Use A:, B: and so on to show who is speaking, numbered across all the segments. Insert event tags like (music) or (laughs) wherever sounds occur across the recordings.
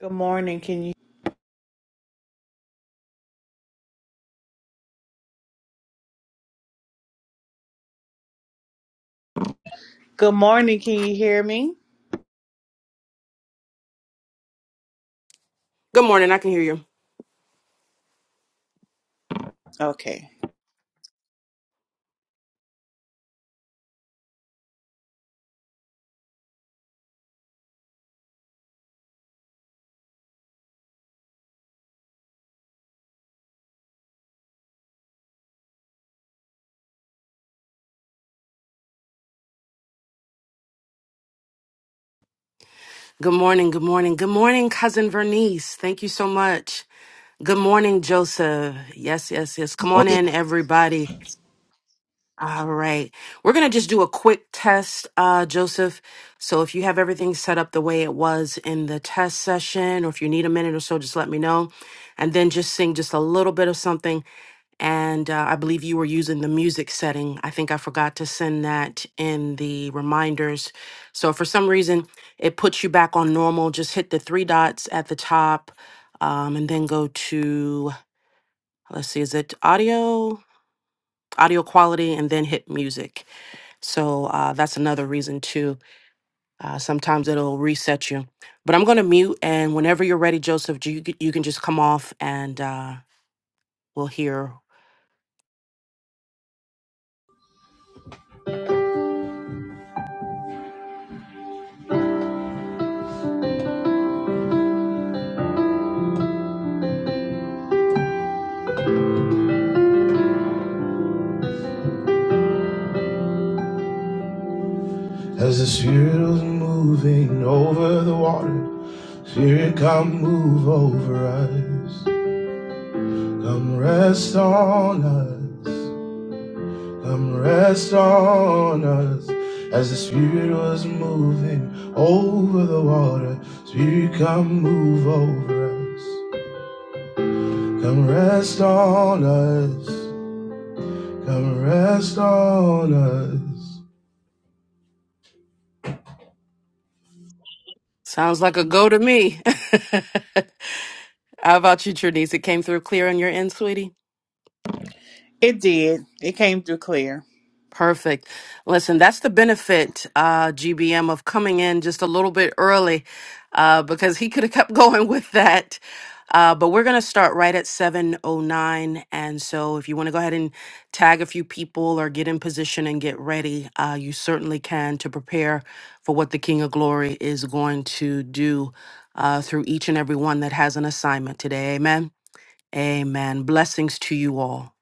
A: Good morning. Can you Good morning. Can you hear me?
B: Good morning. I can hear you.
A: Okay.
B: Good morning. Good morning. Good morning, cousin Vernice. Thank you so much. Good morning, Joseph. Yes, yes, yes. Come on in, everybody. All right. We're going to just do a quick test, uh, Joseph. So if you have everything set up the way it was in the test session, or if you need a minute or so, just let me know. And then just sing just a little bit of something And uh, I believe you were using the music setting. I think I forgot to send that in the reminders. So for some reason, it puts you back on normal. Just hit the three dots at the top um, and then go to, let's see, is it audio? Audio quality and then hit music. So uh, that's another reason too. Uh, sometimes it'll reset you. But I'm going to mute. And whenever you're ready, Joseph, you, c- you can just come off and uh, we'll hear
C: As the Spirit was moving over the water, Spirit, come move over us. Come rest on us. Come rest on us. As the Spirit was moving over the water, Spirit, come move over us. Come rest on us. Come rest on us.
B: Sounds like a go to me. (laughs) How about you, Trinise? It came through clear on your end, sweetie?
A: It did. It came through clear.
B: Perfect. Listen, that's the benefit, uh, GBM, of coming in just a little bit early uh, because he could have kept (laughs) going with that. Uh, but we're going to start right at 7.09. And so if you want to go ahead and tag a few people or get in position and get ready, uh, you certainly can to prepare for what the King of Glory is going to do uh, through each and every one that has an assignment today. Amen. Amen. Blessings to you all.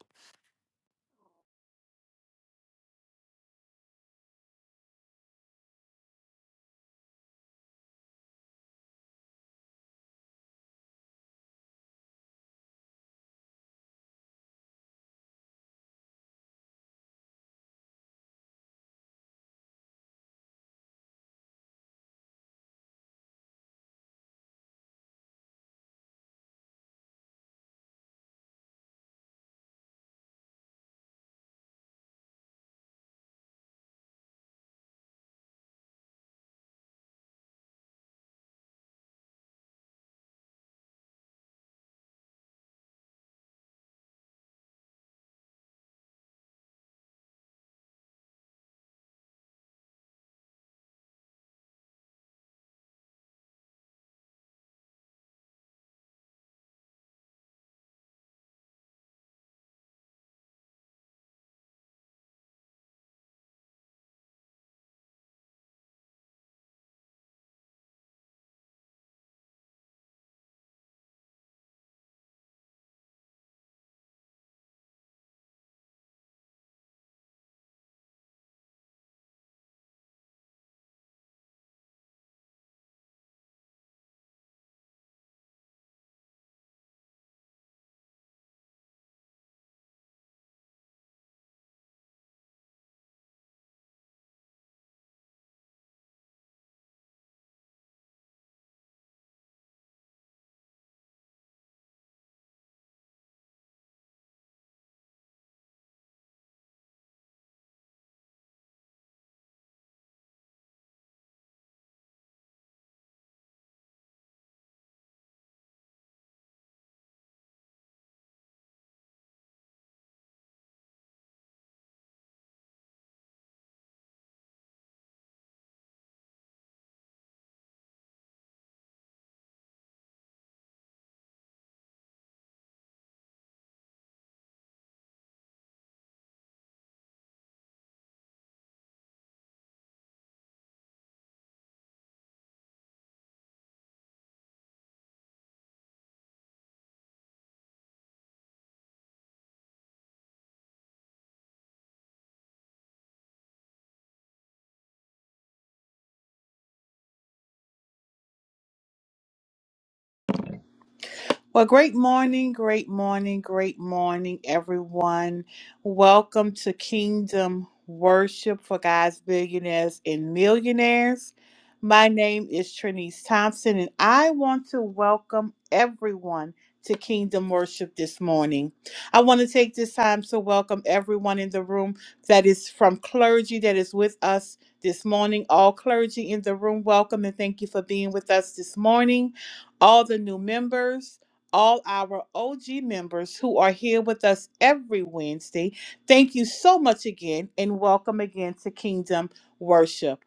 A: Well, great morning, great morning, great morning, everyone. Welcome to Kingdom Worship for God's Billionaires and Millionaires. My name is Trinise Thompson, and I want to welcome everyone to Kingdom Worship this morning. I want to take this time to welcome everyone in the room that is from clergy that is with us this morning. All clergy in the room, welcome and thank you for being with us this morning all the new members all our OG members who are here with us every Wednesday. Thank you so much again and welcome again to Kingdom Worship.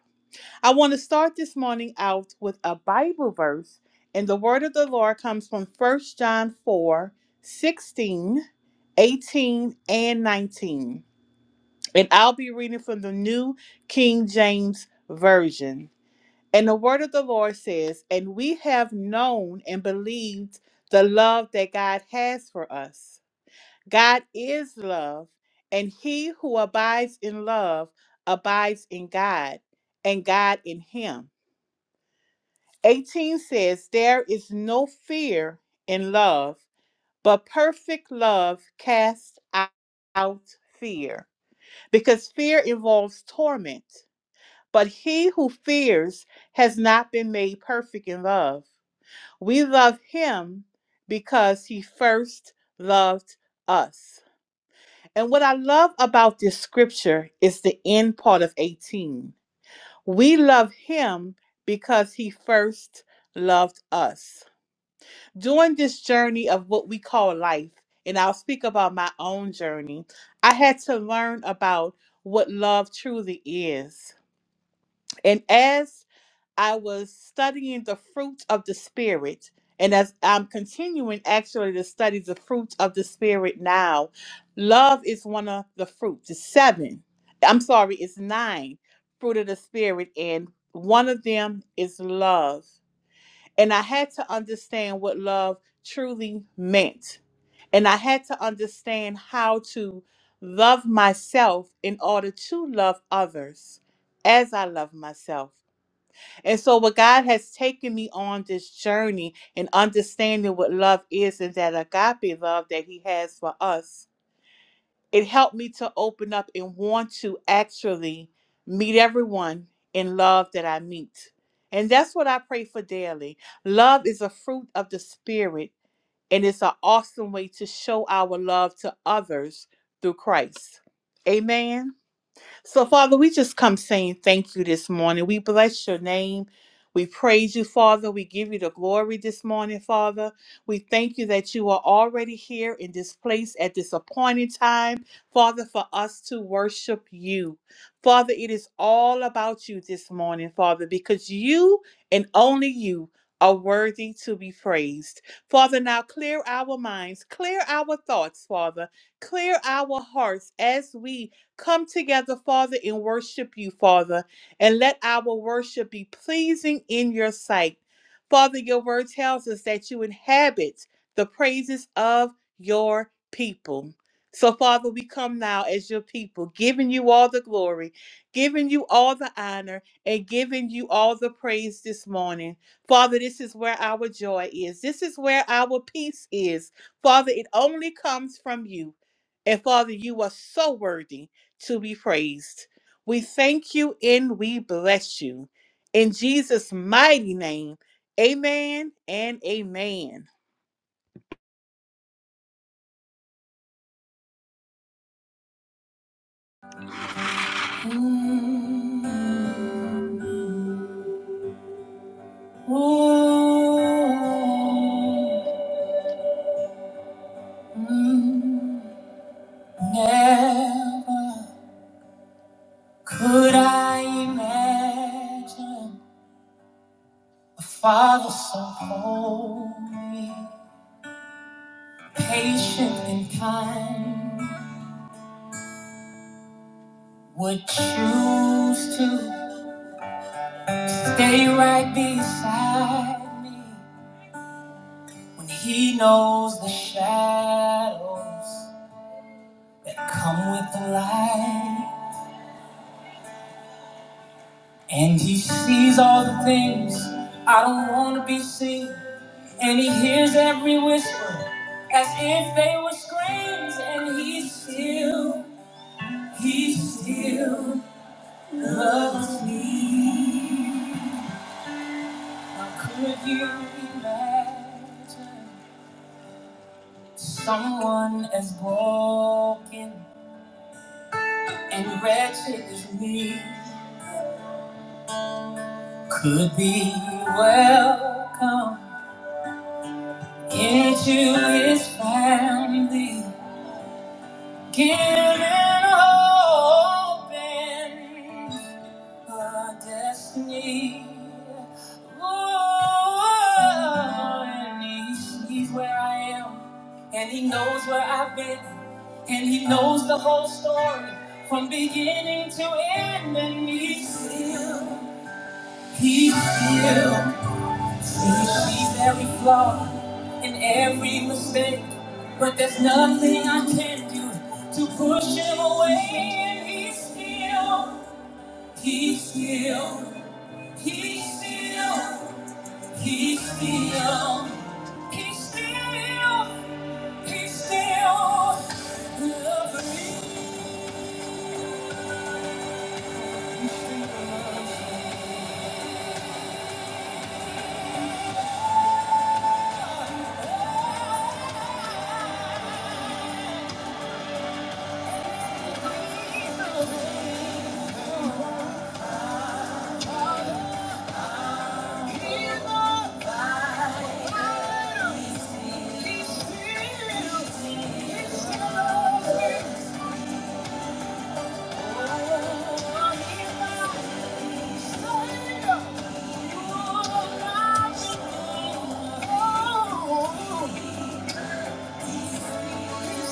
A: I want to start this morning out with a Bible verse, and the word of the Lord comes from First John 4 16, 18, and 19. And I'll be reading from the New King James Version. And the word of the Lord says, And we have known and believed the love that God has for us. God is love, and he who abides in love abides in God, and God in him. 18 says, There is no fear in love, but perfect love casts out fear, because fear involves torment. But he who fears has not been made perfect in love. We love him because he first loved us. And what I love about this scripture is the end part of 18. We love him because he first loved us. During this journey of what we call life, and I'll speak about my own journey, I had to learn about what love truly is. And as I was studying the fruit of the Spirit, and as I'm continuing actually to study the fruit of the Spirit now, love is one of the fruits. It's seven. I'm sorry, it's nine fruit of the Spirit, and one of them is love. And I had to understand what love truly meant. And I had to understand how to love myself in order to love others as I love myself. And so, what God has taken me on this journey and understanding what love is and that agape love that He has for us, it helped me to open up and want to actually meet everyone in love that I meet. And that's what I pray for daily. Love is a fruit of the Spirit, and it's an awesome way to show our love to others through Christ. Amen. So, Father, we just come saying thank you this morning. We bless your name. We praise you, Father. We give you the glory this morning, Father. We thank you that you are already here in this place at this appointed time, Father, for us to worship you. Father, it is all about you this morning, Father, because you and only you are worthy to be praised. Father, now clear our minds, clear our thoughts, Father, clear our hearts as we come together, Father, and worship you, Father, and let our worship be pleasing in your sight. Father, your word tells us that you inhabit the praises of your people. So, Father, we come now as your people, giving you all the glory, giving you all the honor, and giving you all the praise this morning. Father, this is where our joy is. This is where our peace is. Father, it only comes from you. And Father, you are so worthy to be praised. We thank you and we bless you. In Jesus' mighty name, amen and amen. Mm, oh, mm, never could I imagine a father so holy, patient, and kind would choose to Stay right beside me when he knows the shadows that come with the light. And he sees all the things I don't want to be seen. And he hears every whisper as if they were screams. And he still, he still loves me. How could you imagine? Someone as broken and wretched as me could be welcome into his family, given hope and my destiny. Oh, and he sees where I am, and he knows where I've been, and he knows the whole story from beginning to end. And he's still, he's still, he sees every flaw and every mistake, but there's nothing I can do to push him away. And he's still, he's still. He's still, he's still, he's still, he's still loving me. He's alive. He's still, he's still loving me. Oh, he's alive. He's still, you are alive. Oh, Thank you.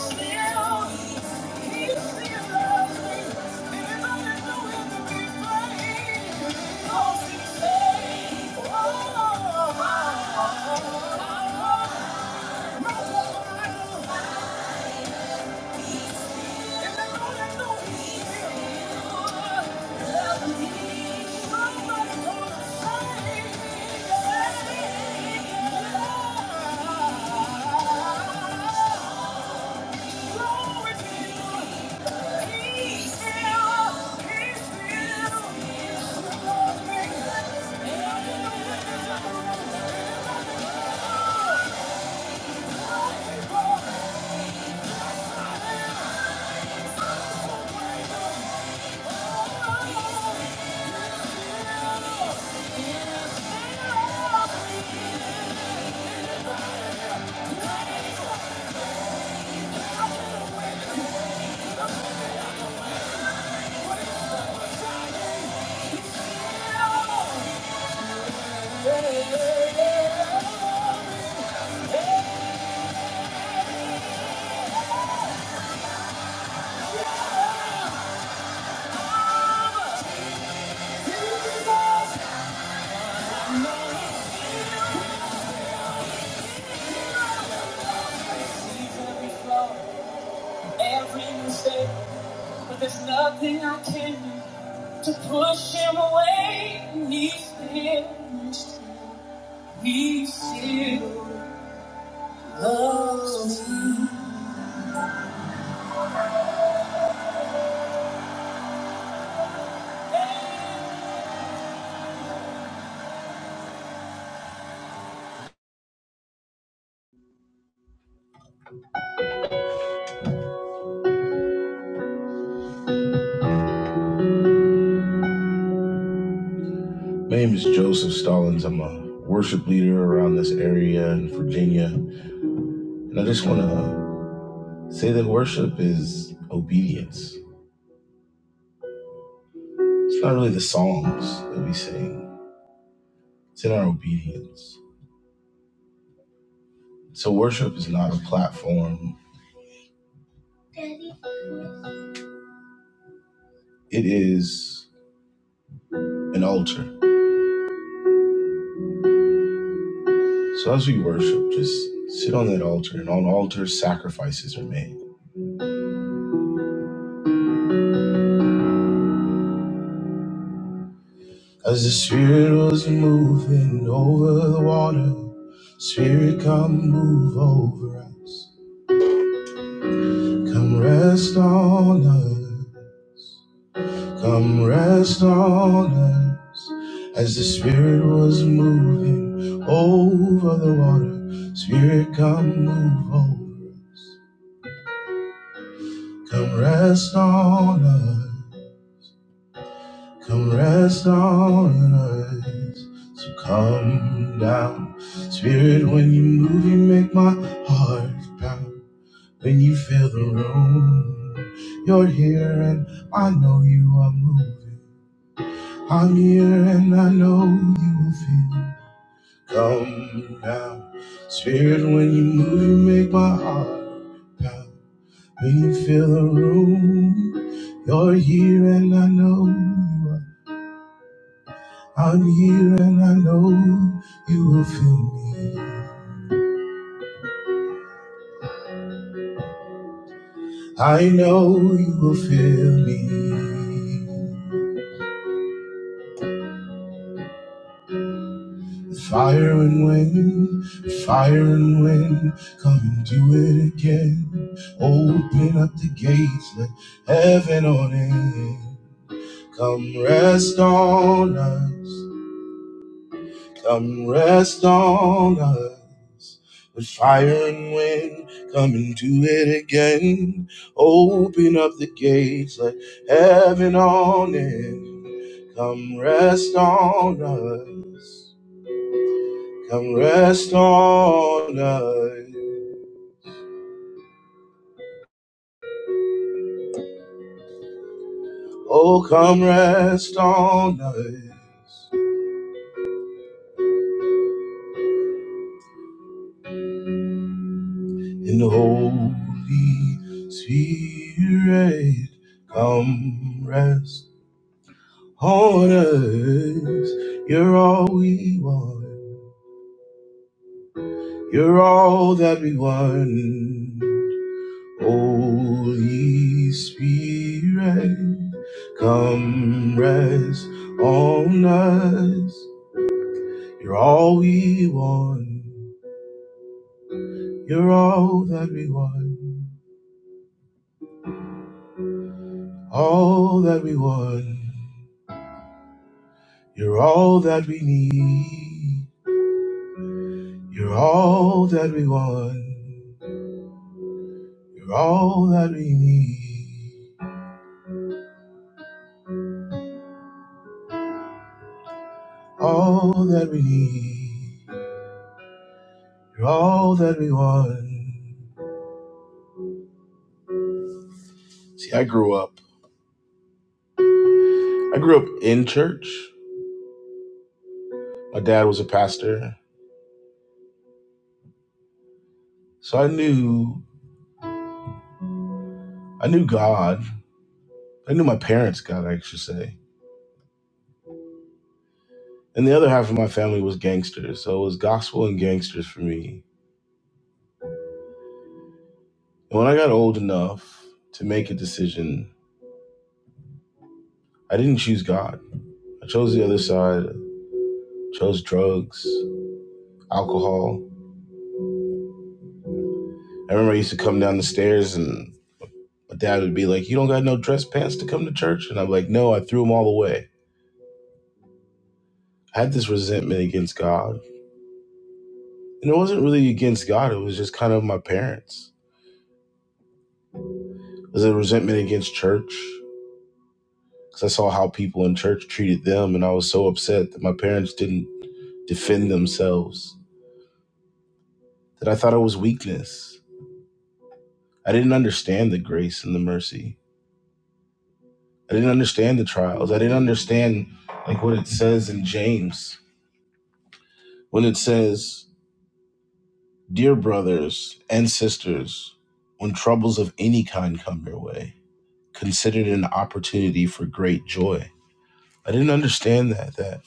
A: Every mistake, but there's nothing I can do to push him away. He's finished. He's still.
C: My name is Joseph Stallings. I'm a worship leader around this area in Virginia. And I just want to say that worship is obedience. It's not really the songs that we sing, it's in our obedience. So, worship is not a platform, it is an altar. So, as we worship, just sit on that altar, and on altars, sacrifices are made. As the Spirit was moving over the water, Spirit, come move over us. Come rest on us, come rest on us. As the Spirit was moving over the water, Spirit, come move over us. Come rest on us, come rest on us. So come down, Spirit, when you move, you make my heart pound. When you fill the room, you're here and I know you are moving. I'm here and I know you will feel. Come down, Spirit, when you move, you make my heart pound. When you fill the room, you're here and I know you are. I'm here and I know you will feel me. I know you will feel me. Fire and wind, fire and wind, come and do it again. Open up the gates, let heaven on in. Come rest on us, come rest on us. With fire and wind, come and do it again. Open up the gates, let heaven on in. Come rest on us. Come rest on us. Oh, come rest on us. In the Holy Spirit, come rest on us. You're all we want. You're all that we want. Holy Spirit, come rest on us. You're all we want. You're all that we want. All that we want. You're all that we need. You're all that we want. You're all that we need. All that we need. You're all that we want. See, I grew up. I grew up in church. My dad was a pastor. So I knew I knew God. I knew my parents' God, I should say. And the other half of my family was gangsters. So it was gospel and gangsters for me. And when I got old enough to make a decision, I didn't choose God. I chose the other side, chose drugs, alcohol. I remember I used to come down the stairs and my dad would be like, You don't got no dress pants to come to church? And I'm like, No, I threw them all away. I had this resentment against God. And it wasn't really against God, it was just kind of my parents. It was a resentment against church. because I saw how people in church treated them, and I was so upset that my parents didn't defend themselves, that I thought it was weakness. I didn't understand the grace and the mercy. I didn't understand the trials. I didn't understand like what it says in James when it says, "Dear brothers and sisters, when troubles of any kind come your way, consider it an opportunity for great joy." I didn't understand that that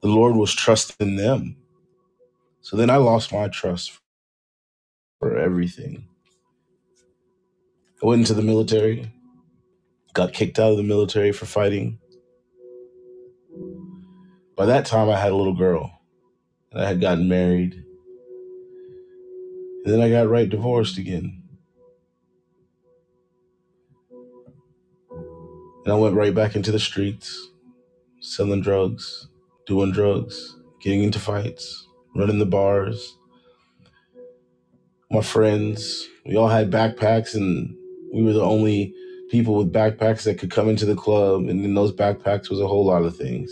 C: the Lord was trusting them. So then I lost my trust for everything I went into the military, got kicked out of the military for fighting. By that time, I had a little girl, and I had gotten married. And then I got right divorced again. And I went right back into the streets, selling drugs, doing drugs, getting into fights, running the bars. My friends, we all had backpacks, and we were the only people with backpacks that could come into the club. And in those backpacks was a whole lot of things.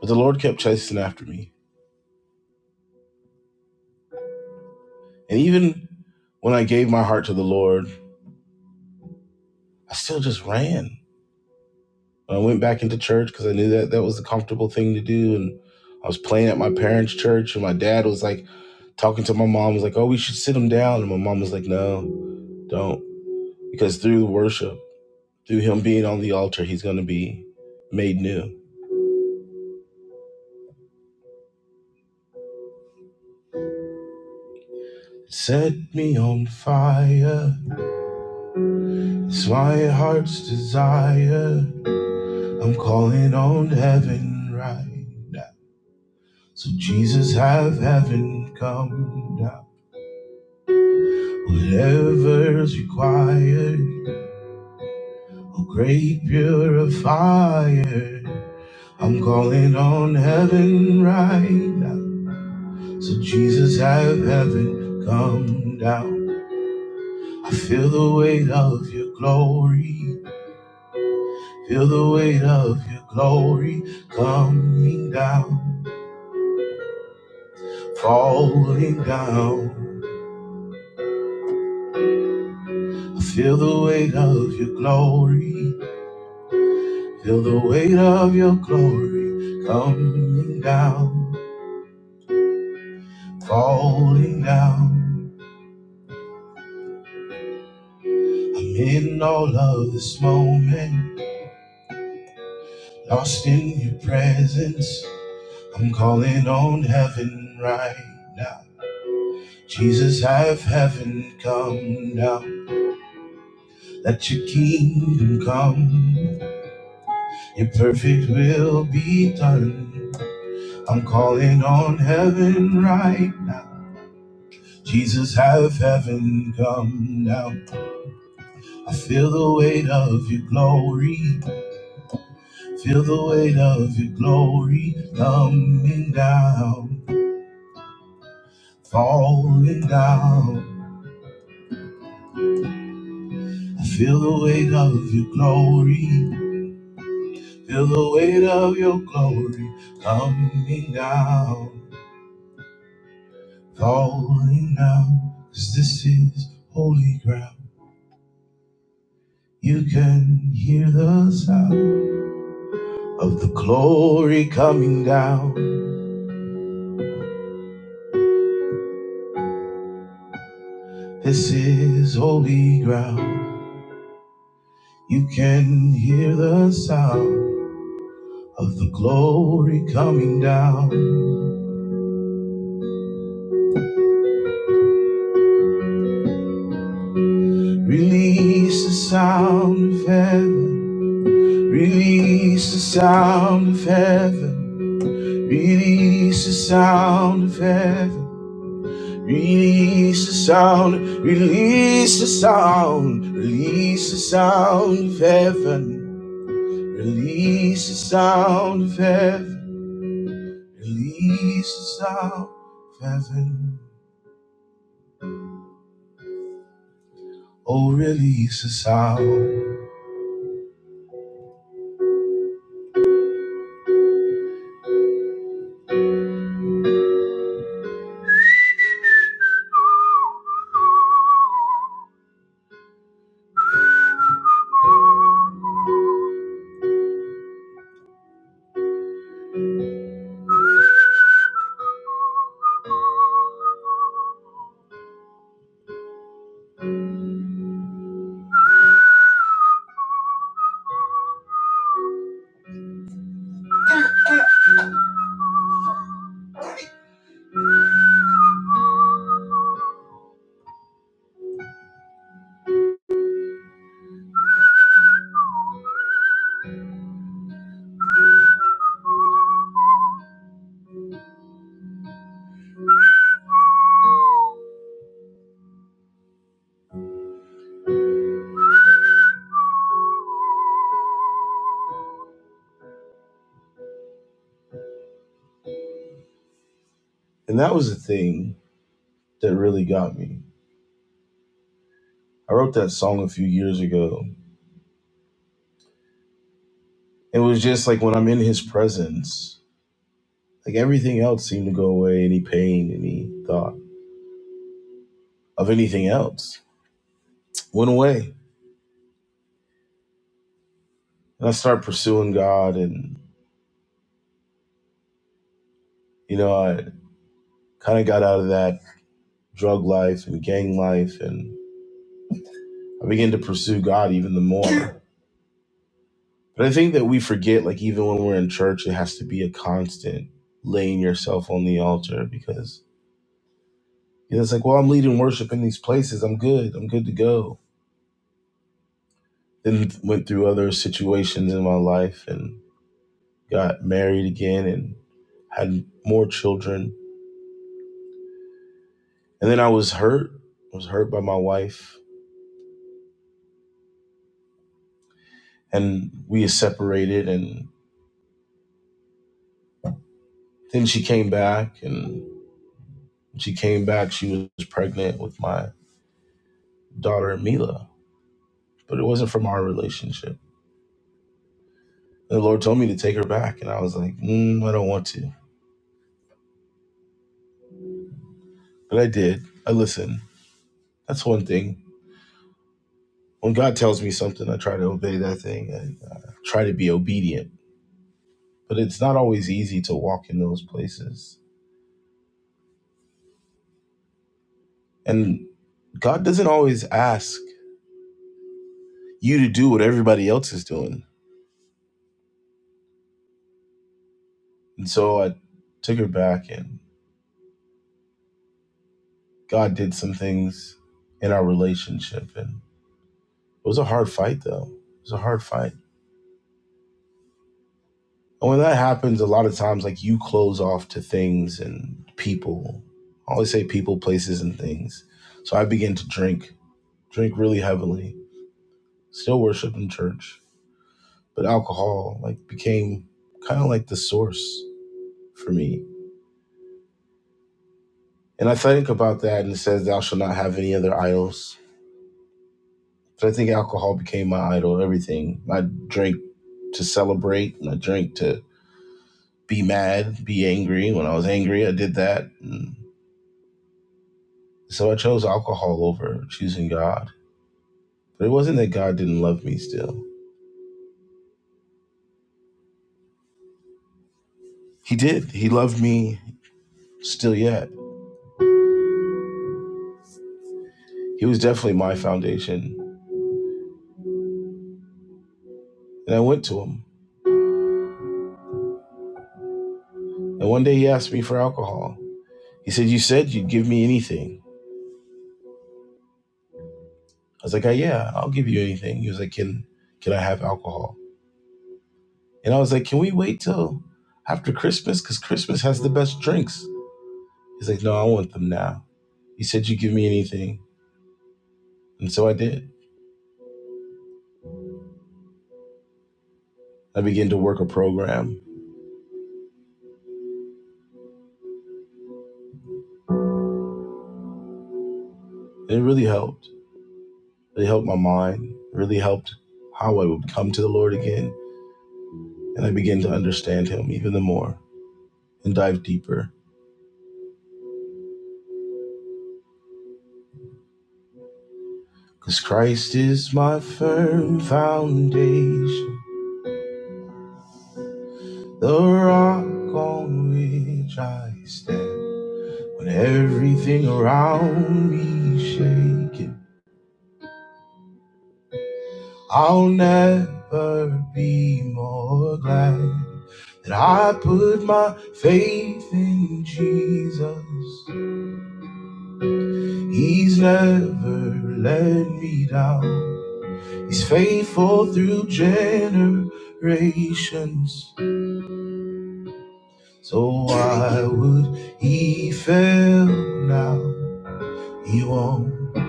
C: But the Lord kept chasing after me. And even when I gave my heart to the Lord, I still just ran. I went back into church because I knew that that was the comfortable thing to do. And I was playing at my parents' church, and my dad was like talking to my mom, was like, "Oh, we should sit him down." And my mom was like, "No, don't," because through the worship, through him being on the altar, he's gonna be made new. Set me on fire, it's my heart's desire. I'm calling on heaven right now. So Jesus, have heaven come down. Whatever's required, a great purifier. I'm calling on heaven right now. So, Jesus, have heaven come down. I feel the weight of your glory. Feel the weight of your glory coming down, falling down. I feel the weight of your glory. Feel the weight of your glory coming down. falling down. I'm in all of this moment, lost in your presence. I'm calling on heaven right now. Jesus, have heaven come down. Let your kingdom come. Your perfect will be done. I'm calling on heaven right now. Jesus, have heaven come down. I feel the weight of your glory. Feel the weight of your glory coming down, falling down. I feel the weight of your glory. Feel the weight of your glory coming down, falling down. 'Cause this is holy ground. You can hear the sound of the glory coming down. This is holy ground. You can hear the sound of the glory coming down. Release the sound of heaven. Release the sound of heaven. Release the sound of heaven. Release the sound, release the sound, release the sound of heaven, release the sound of heaven, release the sound of heaven, oh, release the sound. And that was the thing that really got me. I wrote that song a few years ago. It was just like when I'm in his presence, like everything else seemed to go away, any pain, any thought of anything else went away. And I started pursuing God and you know, I kind of got out of that drug life and gang life and I began to pursue God even the more. But I think that we forget like even when we're in church, it has to be a constant laying yourself on the altar because And it's like, well, I'm leading worship in these places. I'm good. I'm good to go. Then went through other situations in my life and got married again and had more children. And then I was hurt. I was hurt by my wife. And we separated. And then she came back. And when she came back, she was pregnant with my daughter, Mila. But it wasn't from our relationship. The Lord told me to take her back. And I was like, mm, I don't want to. But I did. I listened. That's one thing when God tells me something, I try to obey that thing and uh, try to be obedient. But it's not always easy to walk in those places. And God doesn't always ask you to do what everybody else is doing. And so I took her back, and God did some things in our relationship. And it was a hard fight, though. It was a hard fight. And when that happens, a lot of times, like you close off to things and people. I always say people, places, and things. So I began to drink, drink really heavily still worship in church, but alcohol like became kind of like the source for me. And I think about that and it says, Thou shalt not have any other idols. But I think alcohol became my idol, everything. I drank to celebrate and I drank to be mad, be angry. When I was angry, I did that. And so I chose alcohol over choosing God. But it wasn't that God didn't love me still. He did. He loved me still yet. He was definitely my foundation. And I went to him And one day he asked me for alcohol. He said, "You said you'd give me anything." I was like, "Uh, "Yeah, I'll give you anything." He was like, "Can can I have alcohol?" And I was like, "Can we wait till after Christmas? Because Christmas has the best drinks." He's like, "No, I want them now." He said, "You give me anything," and so I did. I began to work a program, and it really helped. It helped my mind. It really helped how I would come to the Lord again, and I began to understand Him even the more and dive deeper. Cause Christ is my firm foundation, the rock on which I stand. When everything around me shaking, I'll never be more glad that I put my faith in Jesus. He's never let me down. He's faithful through generations. So why would he fail now? He won't,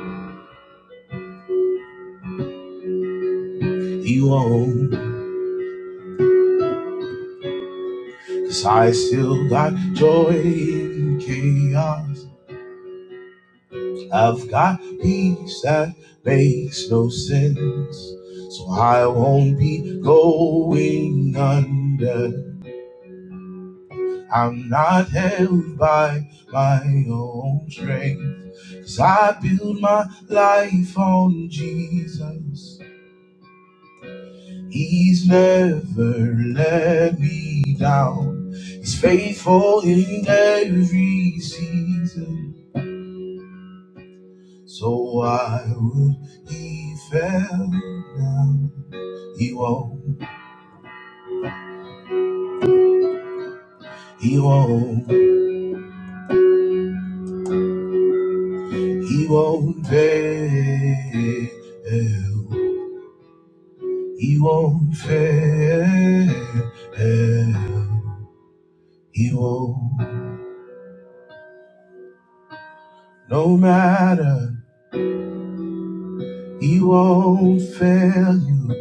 C: he won't. Cause I still got joy in chaos. I've got peace that makes no sense. So I won't be going under. I'm not held by my own strength. Cause I build my life on Jesus. He's never let me down. He's faithful in every season. So why would he fail now? He won't, he won't, he won't fail. He won't fail. He won't, no matter, he won't fail you.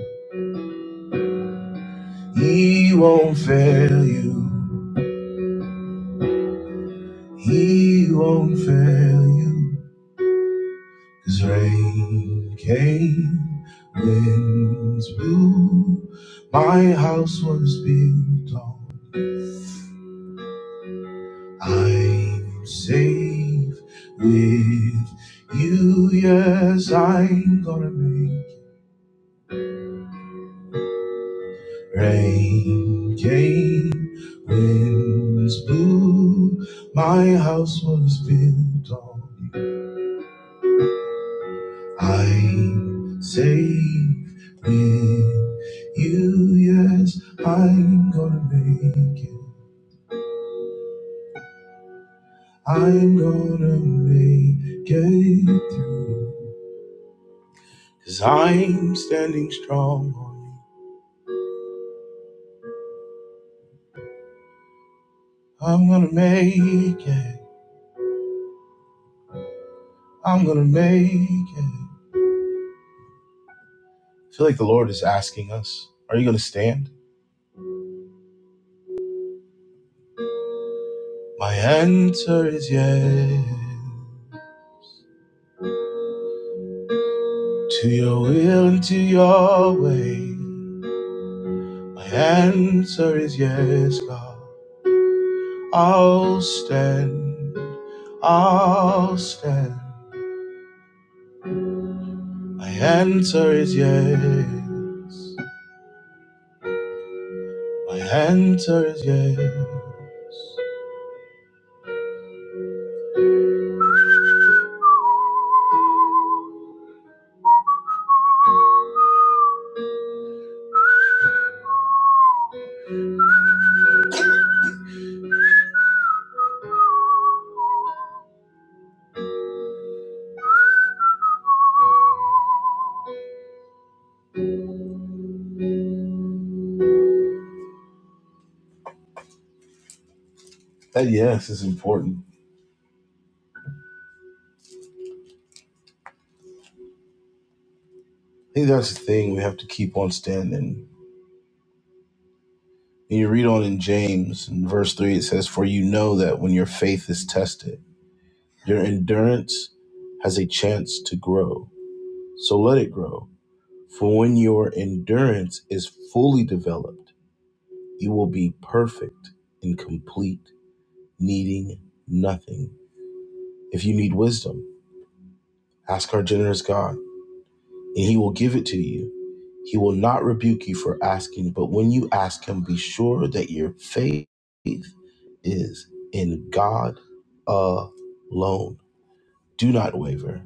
C: He won't fail you. He won't fail you. 'Cause rain came, winds blew. My house was built on. I'm safe with you. Yes, I'm gonna make. Rain came, winds blew. My house was built on. I'm safe with you, yes, I'm gonna make it. I'm gonna make it through. Cause I'm standing strong on you. I'm gonna make it. I'm gonna make it. I feel like the Lord is asking us, Are you gonna stand? My answer is yes. To your will and to your way. My answer is yes, God. I'll stand. I'll stand. My answer is yes. My answer is yes. That yes is important. I think that's the thing we have to keep on standing. And you read on in James, in verse 3, it says, For you know that when your faith is tested, your endurance has a chance to grow. So let it grow. For when your endurance is fully developed, You will be perfect and complete, needing nothing. If you need wisdom, ask our generous God, and He will give it to you. He will not rebuke you for asking, but when you ask Him, be sure that your faith is in God alone. Do not waver,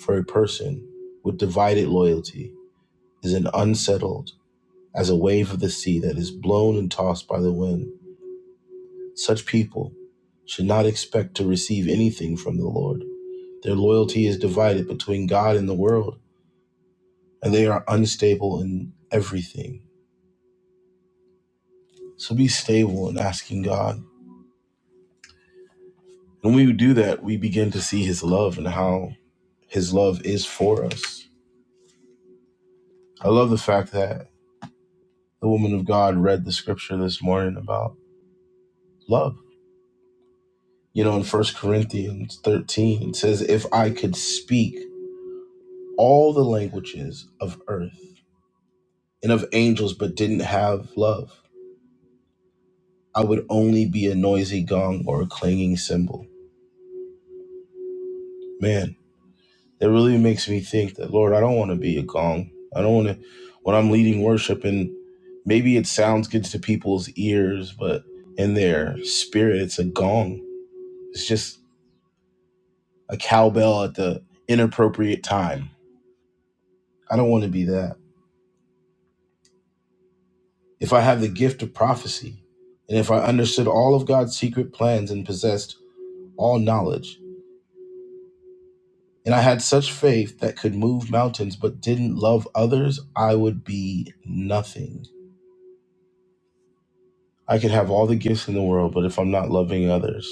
C: for a person with divided loyalty is an unsettled as a wave of the sea that is blown and tossed by the wind. Such people should not expect to receive anything from the Lord. Their loyalty is divided between God and the world, and they are unstable in everything. So be stable in asking God. When we do that, we begin to see His love and how His love is for us. I love the fact that the woman of God read the scripture this morning about love. You know, in First Corinthians 13, it says, If I could speak all the languages of earth and of angels, but didn't have love. I would only be a noisy gong or a clanging cymbal. Man, that really makes me think that, Lord, I don't want to be a gong. I don't want to, when I'm leading worship, and maybe it sounds good to people's ears, but in their spirit, it's a gong. It's just a cowbell at the inappropriate time. I don't want to be that. If I have the gift of prophecy, and if I understood all of God's secret plans and possessed all knowledge, and I had such faith that could move mountains but didn't love others, I would be nothing. I could have all the gifts in the world, but if I'm not loving others,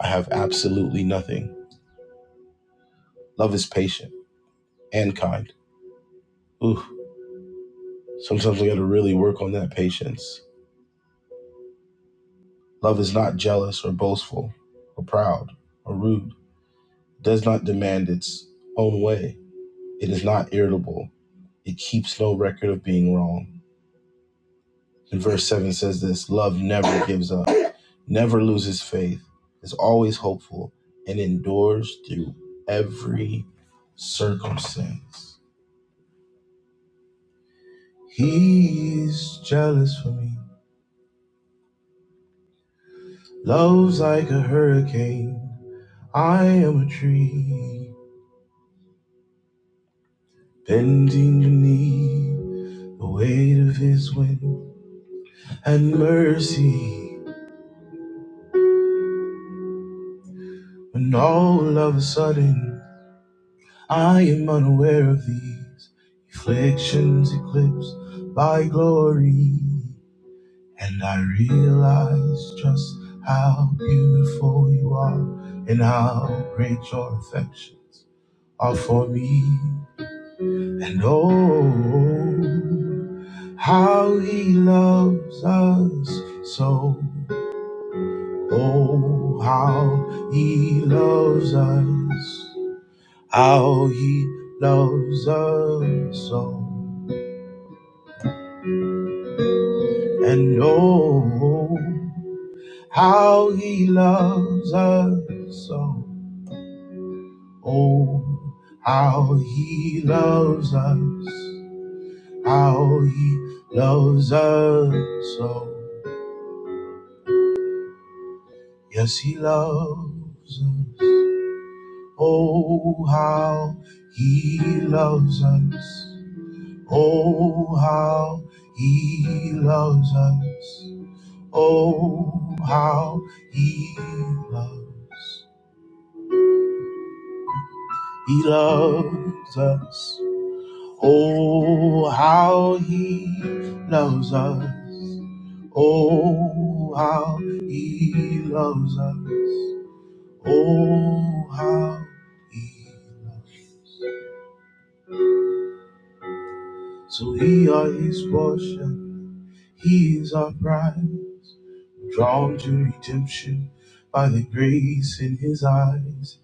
C: I have absolutely nothing. Love is patient and kind. Ooh, sometimes we gotta really work on that patience. Love is not jealous or boastful or proud or rude, It does not demand its own way. It is not irritable. It keeps no record of being wrong. And verse 7 says this love never gives up, never loses faith, is always hopeful, and endures through every circumstance. He's jealous for me, love's like a hurricane. I am a tree, bending the the weight of his wind. Had mercy when all of a sudden I am unaware of these afflictions eclipsed by glory, and I realize just how beautiful you are and how great your affections are for me. And oh, how he loves us so. Oh, how he loves us. How he loves us so, and oh, how he loves us so. Oh, how he loves us, how he loves us so. Yes, he loves us. Oh, how he loves us. Oh, how he loves us. Oh, how he loves, he loves us. Oh, how he loves us. Oh, how he loves us. Oh, how he loves us. So we are his portion, he is our prize. Drawn to redemption by the grace in his eyes.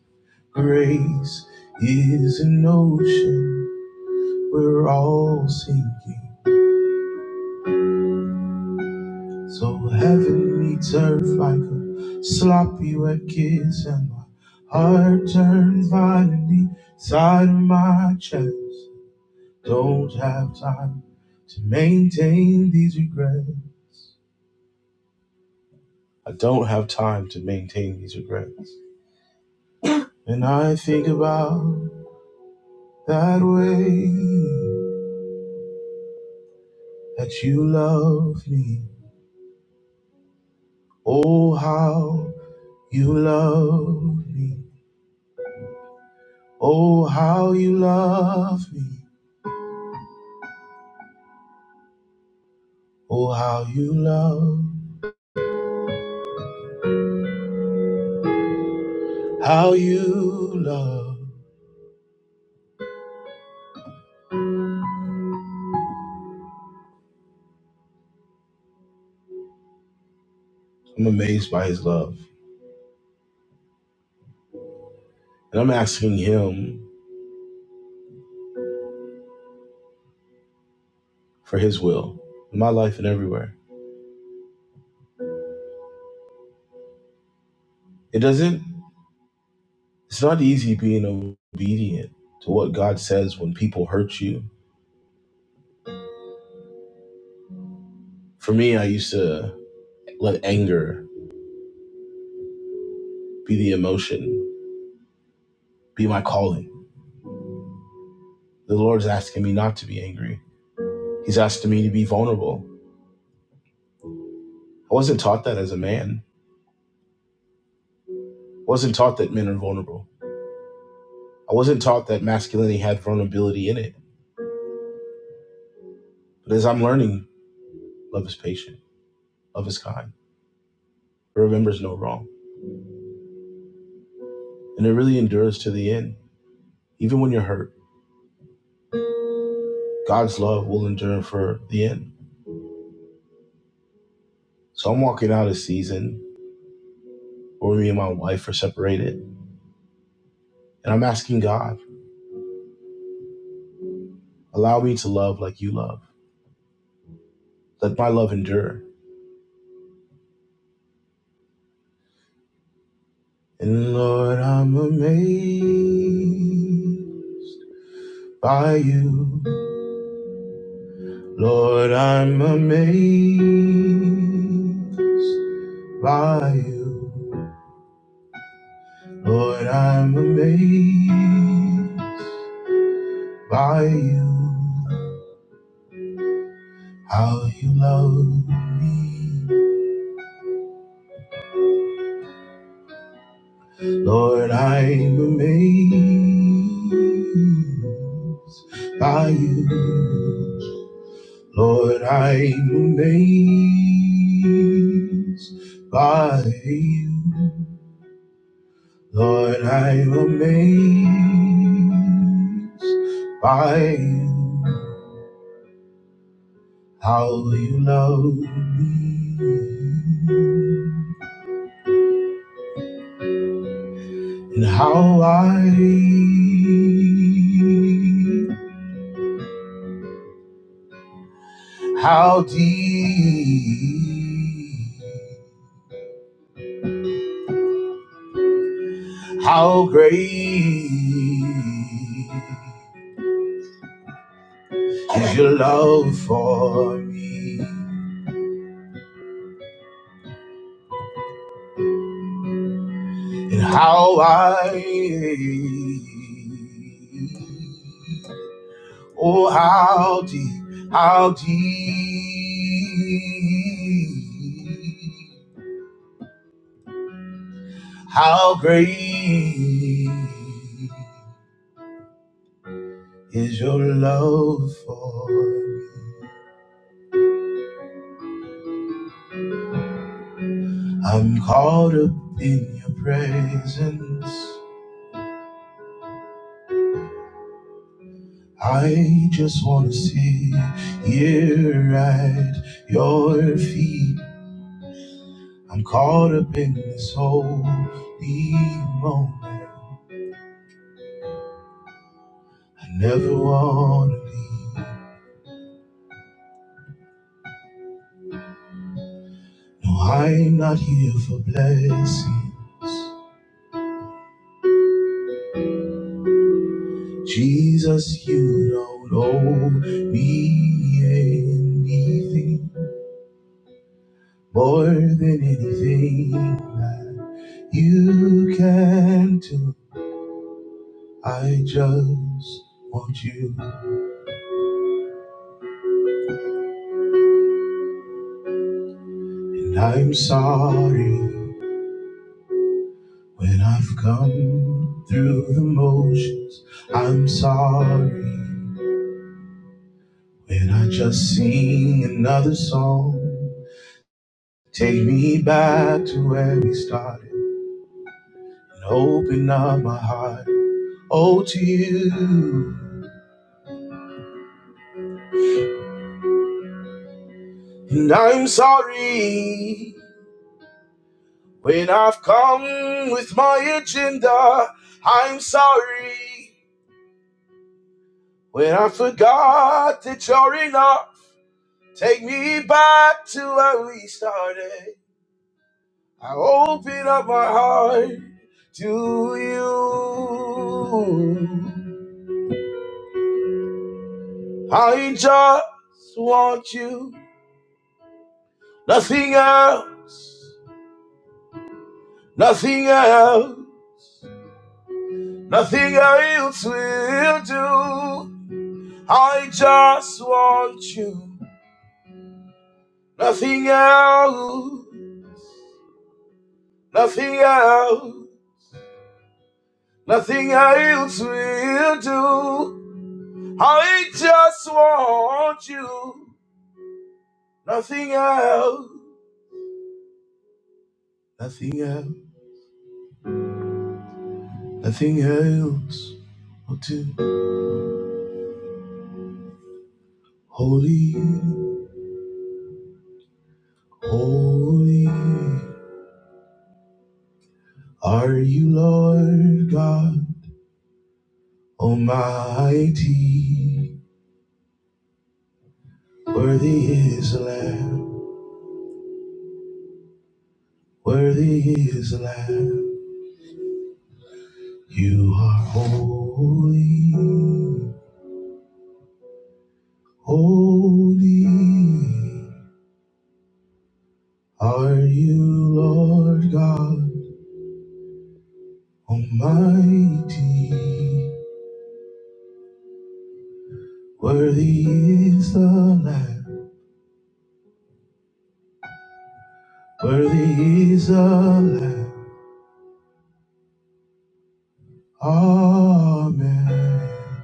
C: Grace is an ocean we're all sinking. So heaven meets earth like a sloppy wet kiss, and my heart turns violently inside of my chest. Don't have time to maintain these regrets. I don't have time to maintain these regrets. And I think about that way that you love me. Oh, how You love me. Oh, how you love me. Oh, how you love. How you love. I'm amazed by his love. And I'm asking him for his will in my life and everywhere. It doesn't, it's not easy being obedient to what God says when people hurt you. For me, I used to let anger be the emotion, be my calling. The Lord's asking me not to be angry. He's asking me to be vulnerable. I wasn't taught that as a man. I wasn't taught that men are vulnerable. I wasn't taught that masculinity had vulnerability in it. But as I'm learning, love is patient, love is kind, it remembers no wrong, and it really endures to the end. Even when you're hurt, God's love will endure for the end. So I'm walking out a season where me and my wife are separated, and I'm asking God, allow me to love like you love. Let my love endure. And Lord, I'm amazed by you. Lord, I'm amazed by you. Lord, I'm amazed by you. How you love me. Lord, I'm amazed by you. Lord, I'm amazed by you. Lord, I am amazed by you, how you love me, and how wide, how deep, how great is your love for me and how I Oh, how deep, how deep, how great is your love for me. I'm caught up in your presence. I just want to sit here at your feet. I'm caught up in this holy moment. I never want to leave. No, I'm not here for blessings. Jesus, you don't owe me anything more than anything that you can do. I just want you, and I'm sorry when I've come through the motions. I'm sorry when I just sing another song. Take me back to where we started and open up my heart. Oh, to you. And I'm sorry when I've come with my agenda. I'm sorry when I forgot that you're enough. Take me back to where we started. I open up my heart to you. I just want you. Nothing else, nothing else, nothing else will do. I just want you. Nothing else, nothing else, nothing else will do. I just want you. Nothing else, nothing else, nothing else will do. Holy, holy. Are you Lord God Almighty? Worthy is the Lamb, worthy is the Lamb. You are holy, holy. Are you Lord God Almighty? Worthy is the Lamb, worthy is the Lamb. Amen.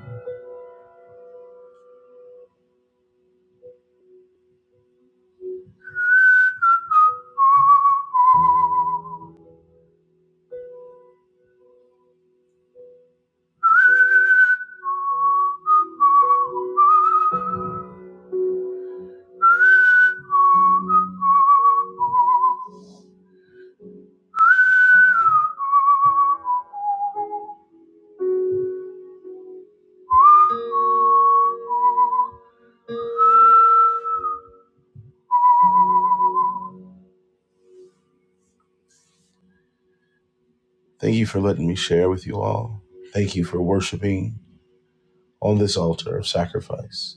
C: Thank you for letting me share with you all. Thank you for worshiping on this altar of sacrifice.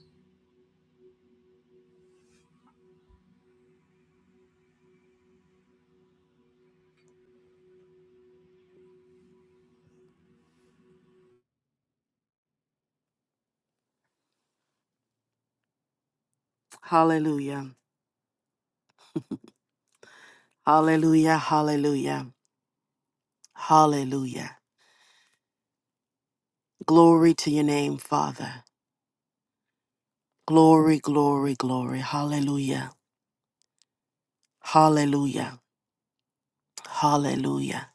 B: Hallelujah. Hallelujah. Hallelujah. Hallelujah. Glory to your name, Father. Glory, glory, glory. Hallelujah. Hallelujah. Hallelujah.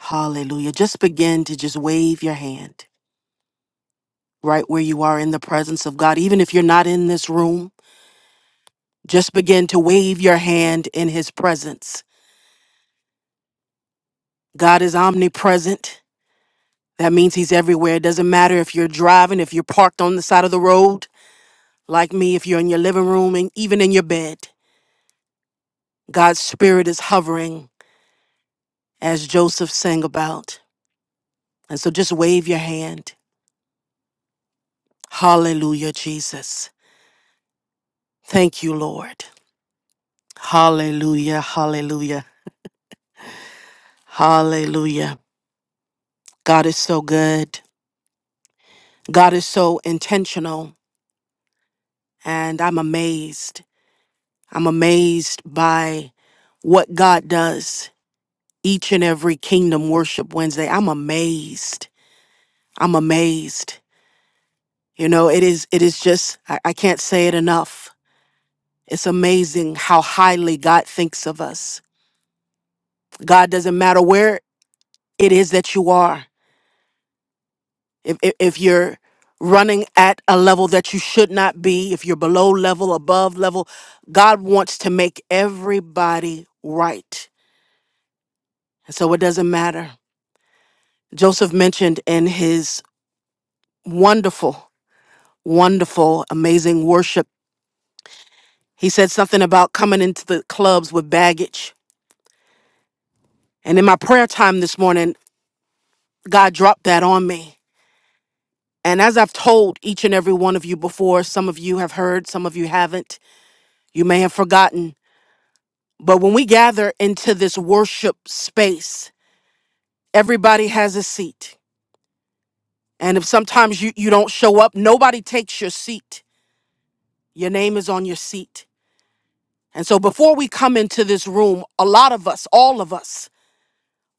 B: Hallelujah. Just begin to just wave your hand right where you are in the presence of God. Even if you're not in this room, just begin to wave your hand in His presence. God is omnipresent. That means He's everywhere. It doesn't matter if you're driving, if you're parked on the side of the road, like me, if you're in your living room, and even in your bed. God's Spirit is hovering as Joseph sang about. And so just wave your hand. Hallelujah, Jesus. Thank you, Lord. Hallelujah, hallelujah, hallelujah. God is so good. God is so intentional. And I'm amazed. I'm amazed by what God does each and every Kingdom Worship Wednesday. I'm amazed. I'm amazed. You know, it is it is just I, I can't say it enough. It's amazing how highly God thinks of us. God doesn't matter where it is that you are. If, if, if you're running at a level that you should not be, if you're below level, above level, God wants to make everybody right. And so it doesn't matter. Joseph mentioned in his wonderful, wonderful, amazing worship, he said something about coming into the clubs with baggage. And in my prayer time this morning, God dropped that on me. And as I've told each and every one of you before, some of you have heard, some of you haven't, you may have forgotten. But when we gather into this worship space, everybody has a seat. And if sometimes you, you don't show up, nobody takes your seat. Your name is on your seat. And so before we come into this room, a lot of us, all of us,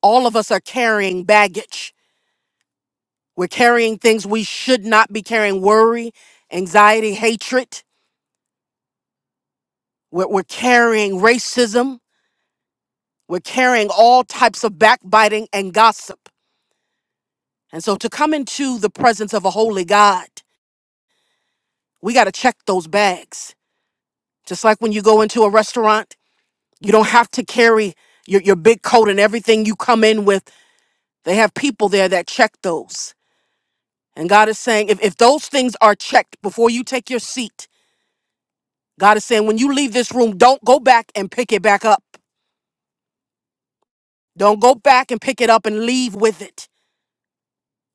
B: all of us are carrying baggage. We're carrying things we should not be carrying worry, anxiety, hatred. We're, we're carrying racism. We're carrying all types of backbiting and gossip. And so to come into the presence of a holy God, we got to check those bags. Just like when you go into a restaurant, you don't have to carry your, your big coat and everything you come in with. They have people there that check those. And God is saying, if, if those things are checked before you take your seat, God is saying, when you leave this room, don't go back and pick it back up. Don't go back and pick it up and leave with it.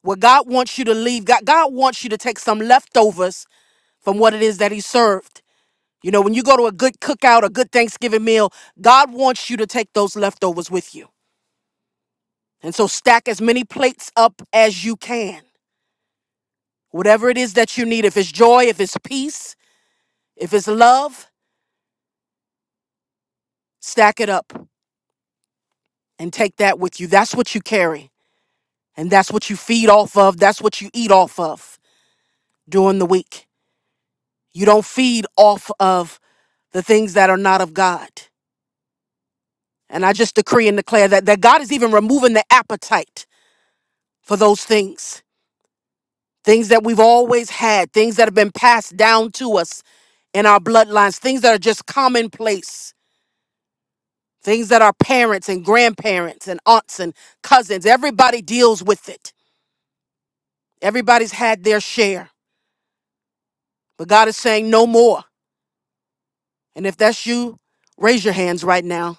B: What God wants you to leave, God, God wants you to take some leftovers from what it is that he served. You know, when you go to a good cookout, a good Thanksgiving meal, God wants you to take those leftovers with you. And so stack as many plates up as you can. Whatever it is that you need, if it's joy, if it's peace, if it's love, stack it up and take that with you. That's what you carry. And that's what you feed off of. That's what you eat off of during the week. You don't feed off of the things that are not of God. And I just decree and declare that, that God is even removing the appetite for those things, things that we've always had, things that have been passed down to us in our bloodlines, things that are just commonplace, things that our parents and grandparents and aunts and cousins, everybody deals with it. Everybody's had their share. But God is saying no more. And if that's you, raise your hands right now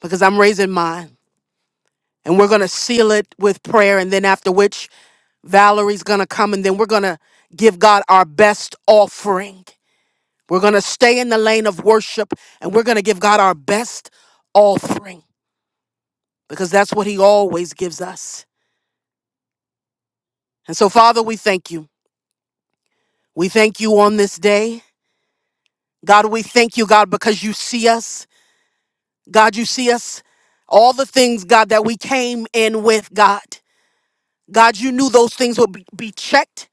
B: because I'm raising mine. And we're going to seal it with prayer. And then after which, Valerie's going to come and then we're going to give God our best offering. We're going to stay in the lane of worship and we're going to give God our best offering because that's what He always gives us. And so, Father, we thank you. We thank you on this day. God, we thank you, God, because you see us. God, you see us. All the things, God, that we came in with, God. God, you knew those things would be be checked.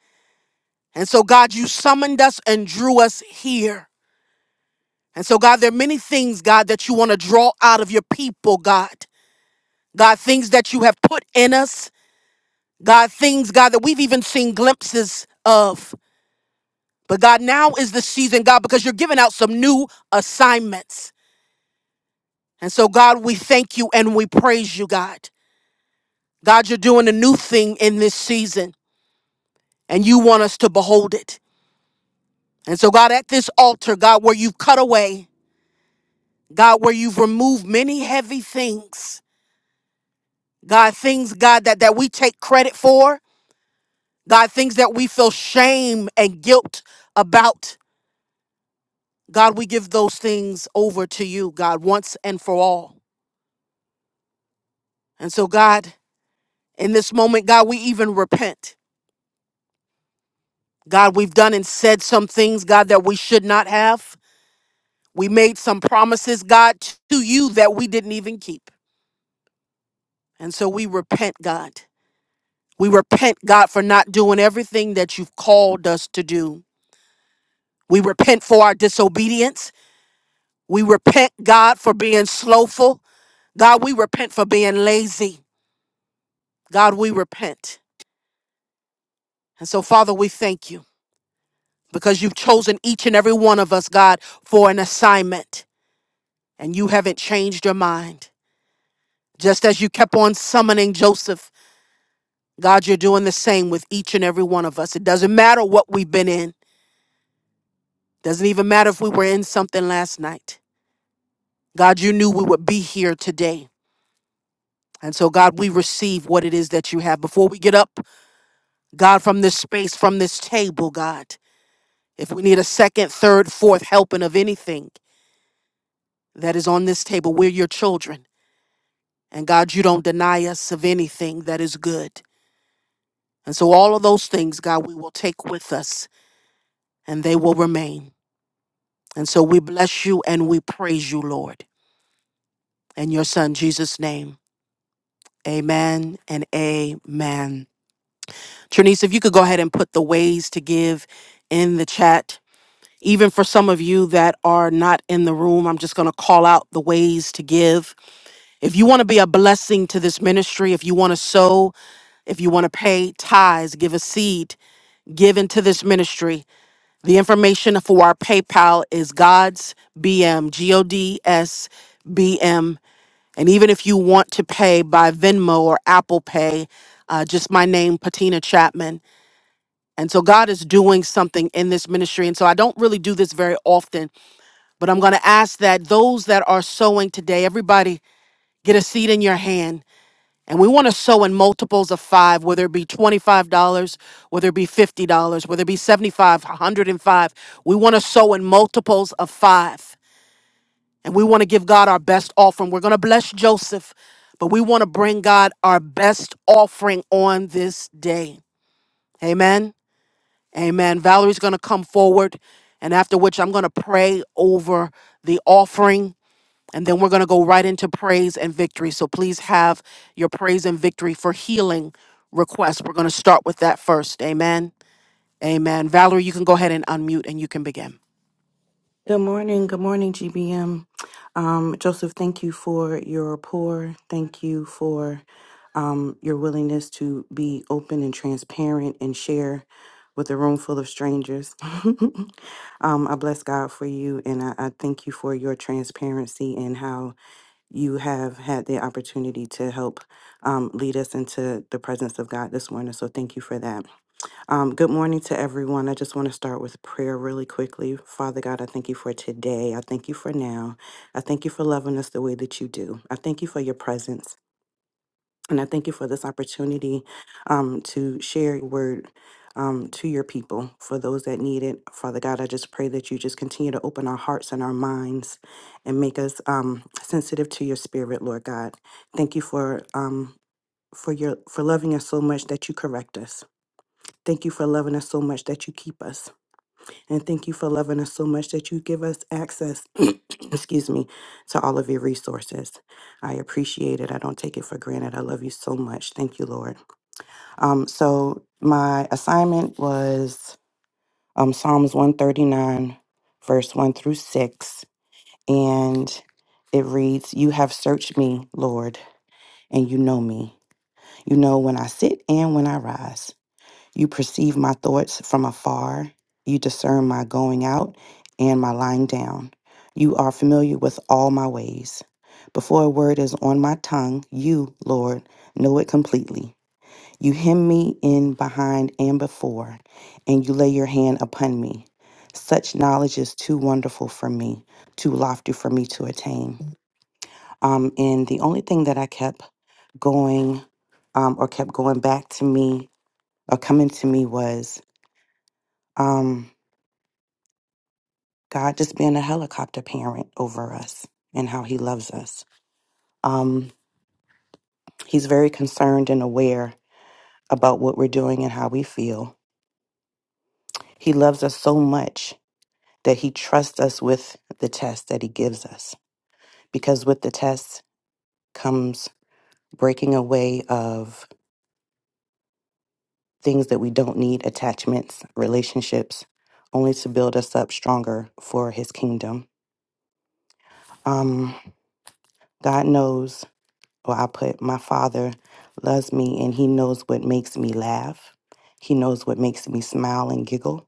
B: And so, God, you summoned us and drew us here. And so, God, there are many things, God, that you want to draw out of your people, God. God, things that you have put in us. God, things, God, that we've even seen glimpses of. But God, now is the season, God, because you're giving out some new assignments. And so, God, we thank you and we praise you, God. God, you're doing a new thing in this season, and you want us to behold it. And so, God, at this altar, God, where you've cut away, God, where you've removed many heavy things, God, things, God, that, that we take credit for, God, things that we feel shame and guilt about. God, we give those things over to you, God, once and for all. And so, God, in this moment, God, we even repent. God, we've done and said some things, God, that we should not have. We made some promises, God, to you that we didn't even keep. And so we repent, God. We repent, God, for not doing everything that you've called us to do. We repent for our disobedience. We repent, God, for being slowful. God, we repent for being lazy. God, we repent. And so, Father, we thank you because you've chosen each and every one of us, God, for an assignment, and you haven't changed your mind. Just as you kept on summoning Joseph, God, you're doing the same with each and every one of us. It doesn't matter what we've been in, doesn't even matter if we were in something last night. God, you knew we would be here today. And so, God, we receive what it is that you have. Before we get up, God, from this space, from this table, God, if we need a second, third, fourth helping of anything, that is on this table. We're your children. And God, you don't deny us of anything that is good. And so all of those things, God, we will take with us and they will remain. And so we bless you and we praise you, Lord. In your son Jesus' name. Amen and amen. Trinice, if you could go ahead and put the ways to give in the chat. Even for some of you that are not in the room, I'm just going to call out the ways to give. If you want to be a blessing to this ministry, if you want to sow, If you want to pay tithes, give a seed, give into this ministry. The information for our PayPal is God's B M G O D S B M. And even if you want to pay by Venmo or Apple Pay, uh, just my name, Patina Chapman. And so God is doing something in this ministry. And so I don't really do this very often, but I'm going to ask that those that are sowing today, everybody get a seed in your hand And we want to sow in multiples of five, whether it be $25, whether it be $50, whether it be 75, 105. We want to sow in multiples of five. And we want to give God our best offering. We're going to bless Joseph, but we want to bring God our best offering on this day. Amen. Amen. Valerie's going to come forward, and after which I'm going to pray over the offering and then we're going to go right into praise and victory. So please have your praise and victory for healing requests. We're going to start with that first. Amen. Amen. Valerie, you can go ahead and unmute and you can begin.
D: Good morning. Good morning, GBM. Um, Joseph, thank you for your rapport. Thank you for um, your willingness to be open and transparent and share with a room full of strangers. (laughs) um, I bless God for you and I, I thank you for your transparency and how you have had the opportunity to help um, lead us into the presence of God this morning. So thank you for that. Um, good morning to everyone. I just want to start with prayer really quickly. Father God, I thank you for today. I thank you for now. I thank you for loving us the way that you do. I thank you for your presence. And I thank you for this opportunity um, to share your word um, to your people, for those that need it. Father God, I just pray that you just continue to open our hearts and our minds and make us um, sensitive to your spirit, Lord God. Thank you for. Um, for your for loving us so much that you correct us Thank you for loving us so much that you keep us. And thank you for loving us so much that you give us access, (clears throat) excuse me, to all of your resources. I appreciate it. I don't take it for granted. I love you so much. Thank you, Lord. Um, so my assignment was um, Psalms 139, verse 1 through 6. And it reads, You have searched me, Lord, and you know me. You know when I sit and when I rise. You perceive my thoughts from afar. You discern my going out and my lying down. You are familiar with all my ways. Before a word is on my tongue, you, Lord, know it completely. You hem me in behind and before, and you lay your hand upon me. Such knowledge is too wonderful for me, too lofty for me to attain. Um, and the only thing that I kept going um, or kept going back to me or coming to me was um, God just being a helicopter parent over us and how He loves us. Um, he's very concerned and aware about what we're doing and how we feel. He loves us so much that He trusts us with the test that He gives us, because with the test comes breaking away of things that we don't need attachments, relationships, only to build us up stronger for His kingdom. Um, God knows or I put, My Father loves me and He knows what makes me laugh. He knows what makes me smile and giggle.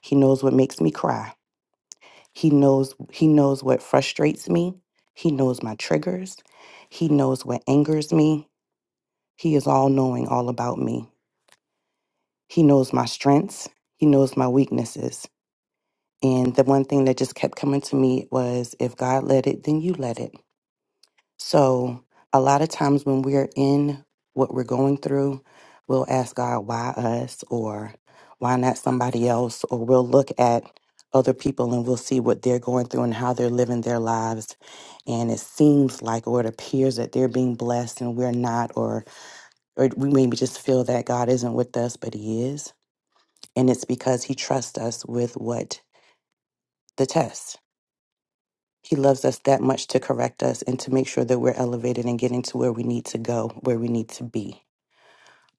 D: He knows what makes me cry. He knows He knows what frustrates me. He knows my triggers. He knows what angers me. He is all knowing all about me. He knows my strengths. He knows my weaknesses. And the one thing that just kept coming to me was if God let it, then you let it. So, a lot of times when we're in what we're going through, we'll ask God, why us, or why not somebody else, or we'll look at other people and we'll see what they're going through and how they're living their lives. And it seems like, or it appears that they're being blessed and we're not, or, or we maybe just feel that God isn't with us, but He is. And it's because He trusts us with what? The test. He loves us that much to correct us and to make sure that we're elevated and getting to where we need to go, where we need to be.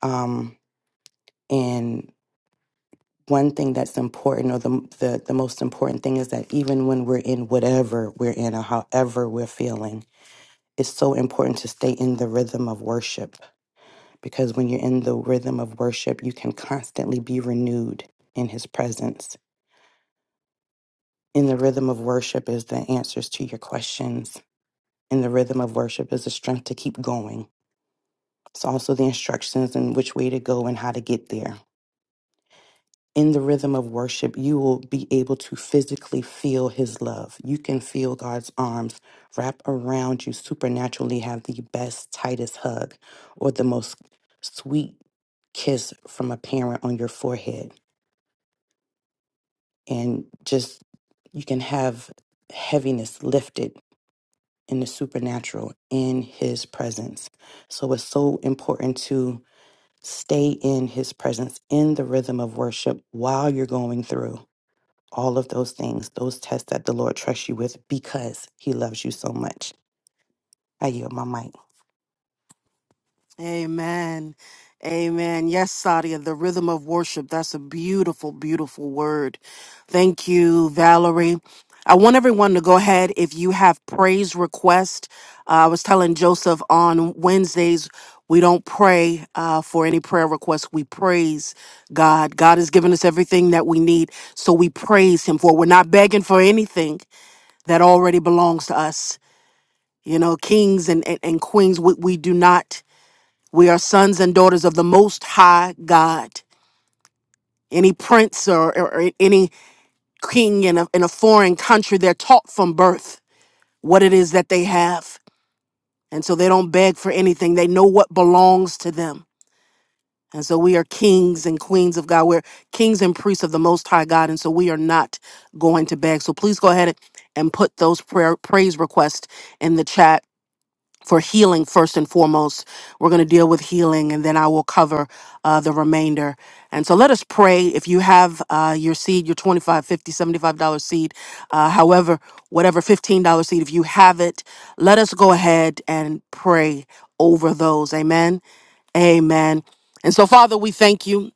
D: Um, and one thing that's important, or the, the the most important thing, is that even when we're in whatever we're in or however we're feeling, it's so important to stay in the rhythm of worship because when you're in the rhythm of worship, you can constantly be renewed in His presence. In the rhythm of worship is the answers to your questions. In the rhythm of worship is the strength to keep going It's also the instructions and which way to go and how to get there. In the rhythm of worship, you will be able to physically feel His love. You can feel God's arms wrap around you supernaturally, have the best, tightest hug or the most sweet kiss from a parent on your forehead. And just, you can have heaviness lifted in the supernatural in His presence. So it's so important to Stay in his presence, in the rhythm of worship while you're going through all of those things, those tests that the Lord trusts you with because he loves you so much. I yield my mic.
B: Amen. Amen. Yes, Sadia, the rhythm of worship. That's a beautiful, beautiful word. Thank you, Valerie. I want everyone to go ahead if you have praise requests. Uh, I was telling Joseph on Wednesdays, we don't pray uh, for any prayer requests. We praise God. God has given us everything that we need, so we praise Him for. it. We're not begging for anything that already belongs to us. You know, kings and, and, and queens, we, we do not. We are sons and daughters of the Most High God. Any prince or, or- any king in a, in a foreign country, they're taught from birth what it is that they have. And so they don't beg for anything, they know what belongs to them. And so we are kings and queens of God. We're kings and priests of the Most High God. And so we are not going to beg. So please go ahead and put those prayer, praise requests in the chat for healing first and foremost. We're going to deal with healing and then I will cover uh, the remainder. And so let us pray. If you have uh, your seed, your $25, dollars, $50, dollars, $75 seed, uh, however, whatever $15 seed, if you have it, let us go ahead and pray over those. Amen. Amen. And so, Father, we thank you.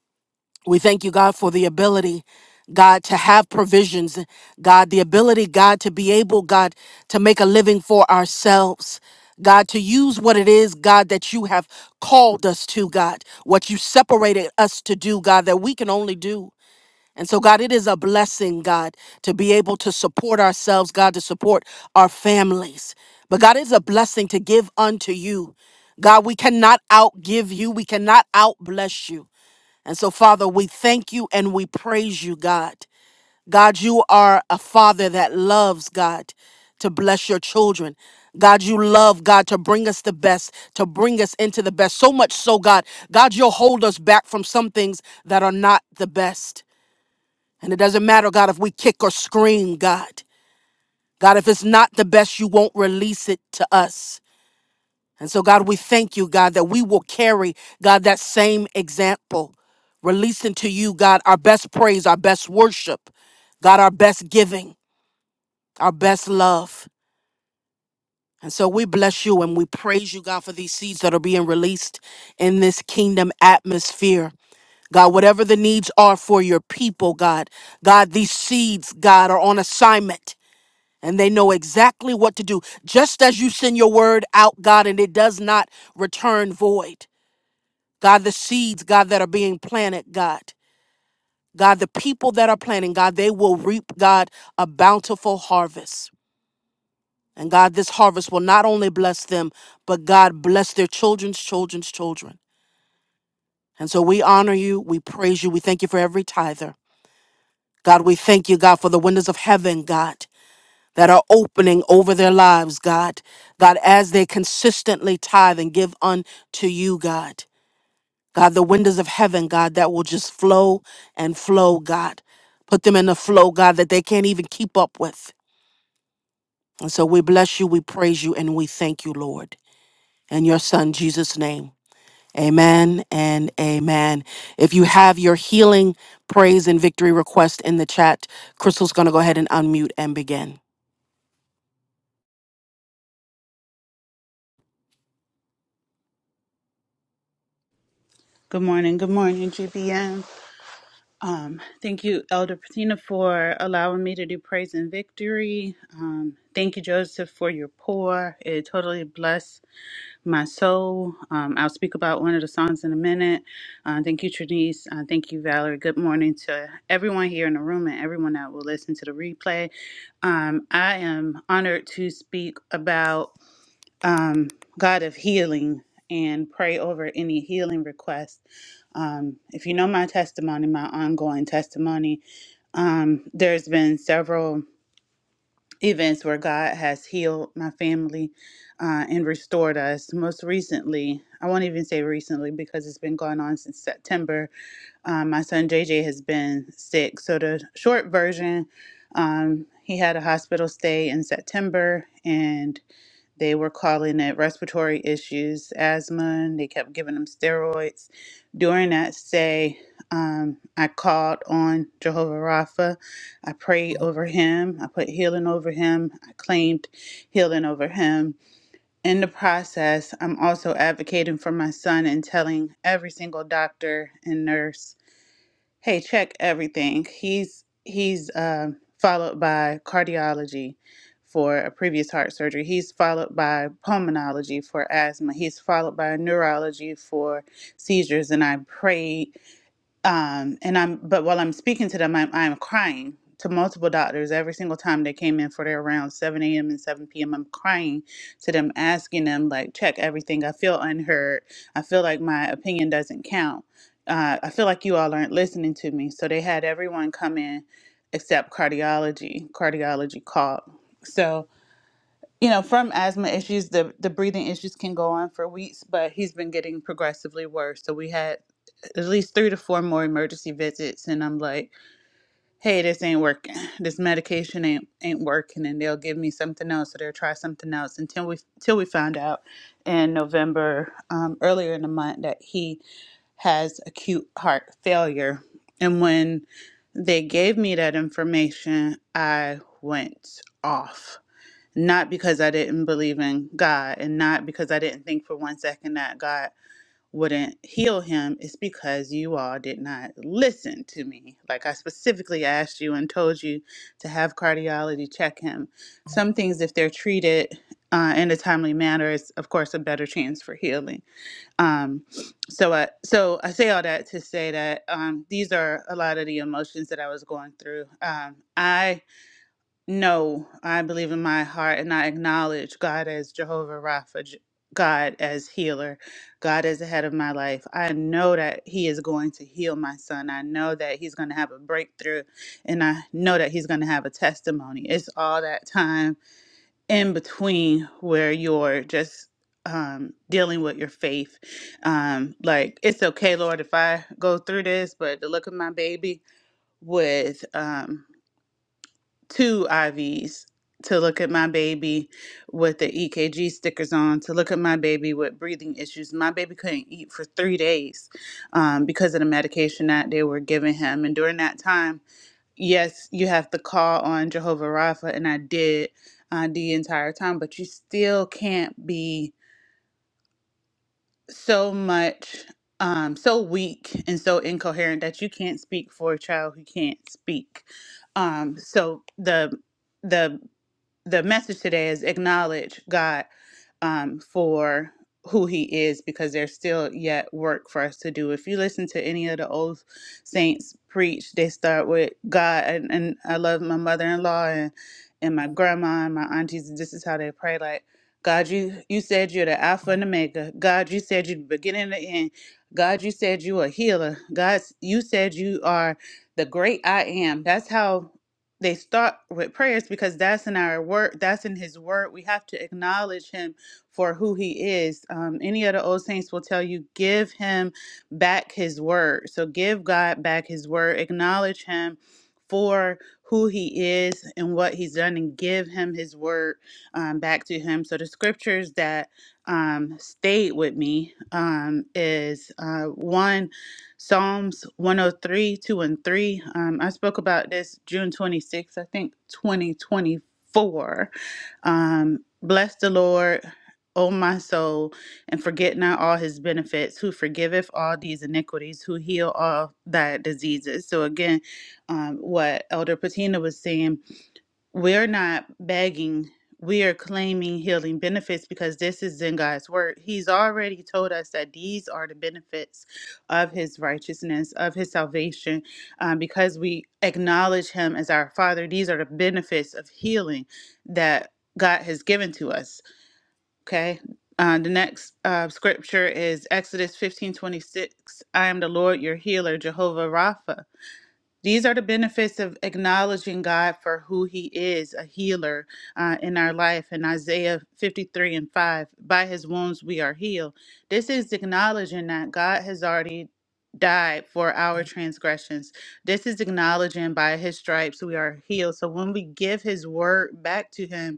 B: We thank you, God, for the ability, God, to have provisions, God, the ability, God, to be able, God, to make a living for ourselves. God, to use what it is, God, that you have called us to, God, what you separated us to do, God, that we can only do. And so, God, it is a blessing, God, to be able to support ourselves, God, to support our families. But God, it's a blessing to give unto you. God, we cannot outgive you. We cannot outbless you. And so, Father, we thank you and we praise you, God. God, you are a father that loves, God, to bless your children. God, you love, God, to bring us the best, to bring us into the best. So much so, God, God, you'll hold us back from some things that are not the best. And it doesn't matter, God, if we kick or scream, God. God, if it's not the best, you won't release it to us. And so, God, we thank you, God, that we will carry, God, that same example, releasing to you, God, our best praise, our best worship, God, our best giving, our best love. And so we bless you and we praise you, God, for these seeds that are being released in this kingdom atmosphere. God, whatever the needs are for your people, God, God, these seeds, God, are on assignment and they know exactly what to do. Just as you send your word out, God, and it does not return void. God, the seeds, God, that are being planted, God. God, the people that are planting, God, they will reap, God, a bountiful harvest. And God, this harvest will not only bless them, but God bless their children's children's children. And so we honor you, we praise you, we thank you for every tither. God, we thank you, God, for the windows of heaven, God, that are opening over their lives, God. God, as they consistently tithe and give unto you, God. God, the windows of heaven, God, that will just flow and flow, God. Put them in a flow, God, that they can't even keep up with. And so we bless you, we praise you, and we thank you, Lord. In your son, Jesus' name. Amen and amen. If you have your healing, praise, and victory request in the chat, Crystal's going to go ahead and unmute and begin.
E: Good morning. Good morning, GBM. Um, thank you, Elder Patina, for allowing me to do praise and victory. Um, thank you, Joseph, for your pour. It totally blessed my soul. Um, I'll speak about one of the songs in a minute. Uh, thank you, Trinice. Uh, thank you, Valerie. Good morning to everyone here in the room and everyone that will listen to the replay. Um, I am honored to speak about um, God of healing and pray over any healing requests. Um, if you know my testimony, my ongoing testimony, um, there's been several events where God has healed my family uh, and restored us. Most recently, I won't even say recently because it's been going on since September. Um, my son JJ has been sick. So, the short version, um, he had a hospital stay in September and they were calling it respiratory issues, asthma, and they kept giving them steroids. During that stay, um, I called on Jehovah Rapha. I prayed over him. I put healing over him. I claimed healing over him. In the process, I'm also advocating for my son and telling every single doctor and nurse Hey, check everything. He's he's um, followed by cardiology for a previous heart surgery. He's followed by pulmonology for asthma. He's followed by neurology for seizures. And I prayed um and i'm but while i'm speaking to them i'm, I'm crying to multiple doctors every single time they came in for their rounds 7 a.m and 7 p.m i'm crying to them asking them like check everything i feel unheard i feel like my opinion doesn't count uh, i feel like you all aren't listening to me so they had everyone come in except cardiology cardiology called so you know, from asthma issues, the the breathing issues can go on for weeks, but he's been getting progressively worse. So we had at least three to four more emergency visits, and I'm like, "Hey, this ain't working. (sighs) This medication ain't ain't working." And they'll give me something else, or they'll try something else until we till we found out in November, um, earlier in the month, that he has acute heart failure. And when they gave me that information, I went off not because I didn't believe in God and not because I didn't think for one second that God wouldn't heal him. It's because you all did not listen to me. Like I specifically asked you and told you to have cardiology check him. Some things, if they're treated uh, in a timely manner, is of course a better chance for healing. Um, so I so I say all that to say that um, these are a lot of the emotions that I was going through. Um, I no, I believe in my heart and I acknowledge God as Jehovah Rapha, J- God as healer, God as the head of my life. I know that He is going to heal my son. I know that He's going to have a breakthrough and I know that He's going to have a testimony. It's all that time in between where you're just um dealing with your faith um like it's okay lord if i go through this but the look of my baby with um two IVs to look at my baby with the EKG stickers on, to look at my baby with breathing issues. My baby couldn't eat for three days um, because of the medication that they were giving him. And during that time, yes, you have to call on Jehovah Rapha, and I did uh, the entire time, but you still can't be so much. Um, so weak and so incoherent that you can't speak for a child who can't speak. Um, so the the the message today is acknowledge God um, for who He is, because there's still yet work for us to do. If you listen to any of the old saints preach, they start with God, and, and I love my mother-in-law and and my grandma and my aunties. and This is how they pray, like. God, you, you said you're the Alpha and Omega. God, you said you're the beginning and the end. God, you said you a healer. God, you said you are the great I am. That's how they start with prayers because that's in our word that's in his word we have to acknowledge him for who he is um, any of the old saints will tell you give him back his word so give god back his word acknowledge him for who he is and what he's done and give him his word um, back to him so the scriptures that um, stayed with me um, is uh, one Psalms 103, 2 and 3. Um, I spoke about this June 26th, I think 2024. Um, Bless the Lord, O my soul, and forget not all his benefits, who forgiveth all these iniquities, who heal all thy diseases. So, again, um, what Elder Patina was saying we're not begging, we are claiming healing benefits because this is in God's word. He's already told us that these are the benefits of his righteousness, of his salvation. Um, because we acknowledge him as our father, these are the benefits of healing that God has given to us. Okay. Uh, the next uh, scripture is Exodus 15 26. I am the Lord your healer, Jehovah Rapha. These are the benefits of acknowledging God for who He is, a healer uh, in our life. In Isaiah 53 and 5, by His wounds we are healed. This is acknowledging that God has already died for our transgressions. This is acknowledging by His stripes we are healed. So when we give His word back to Him,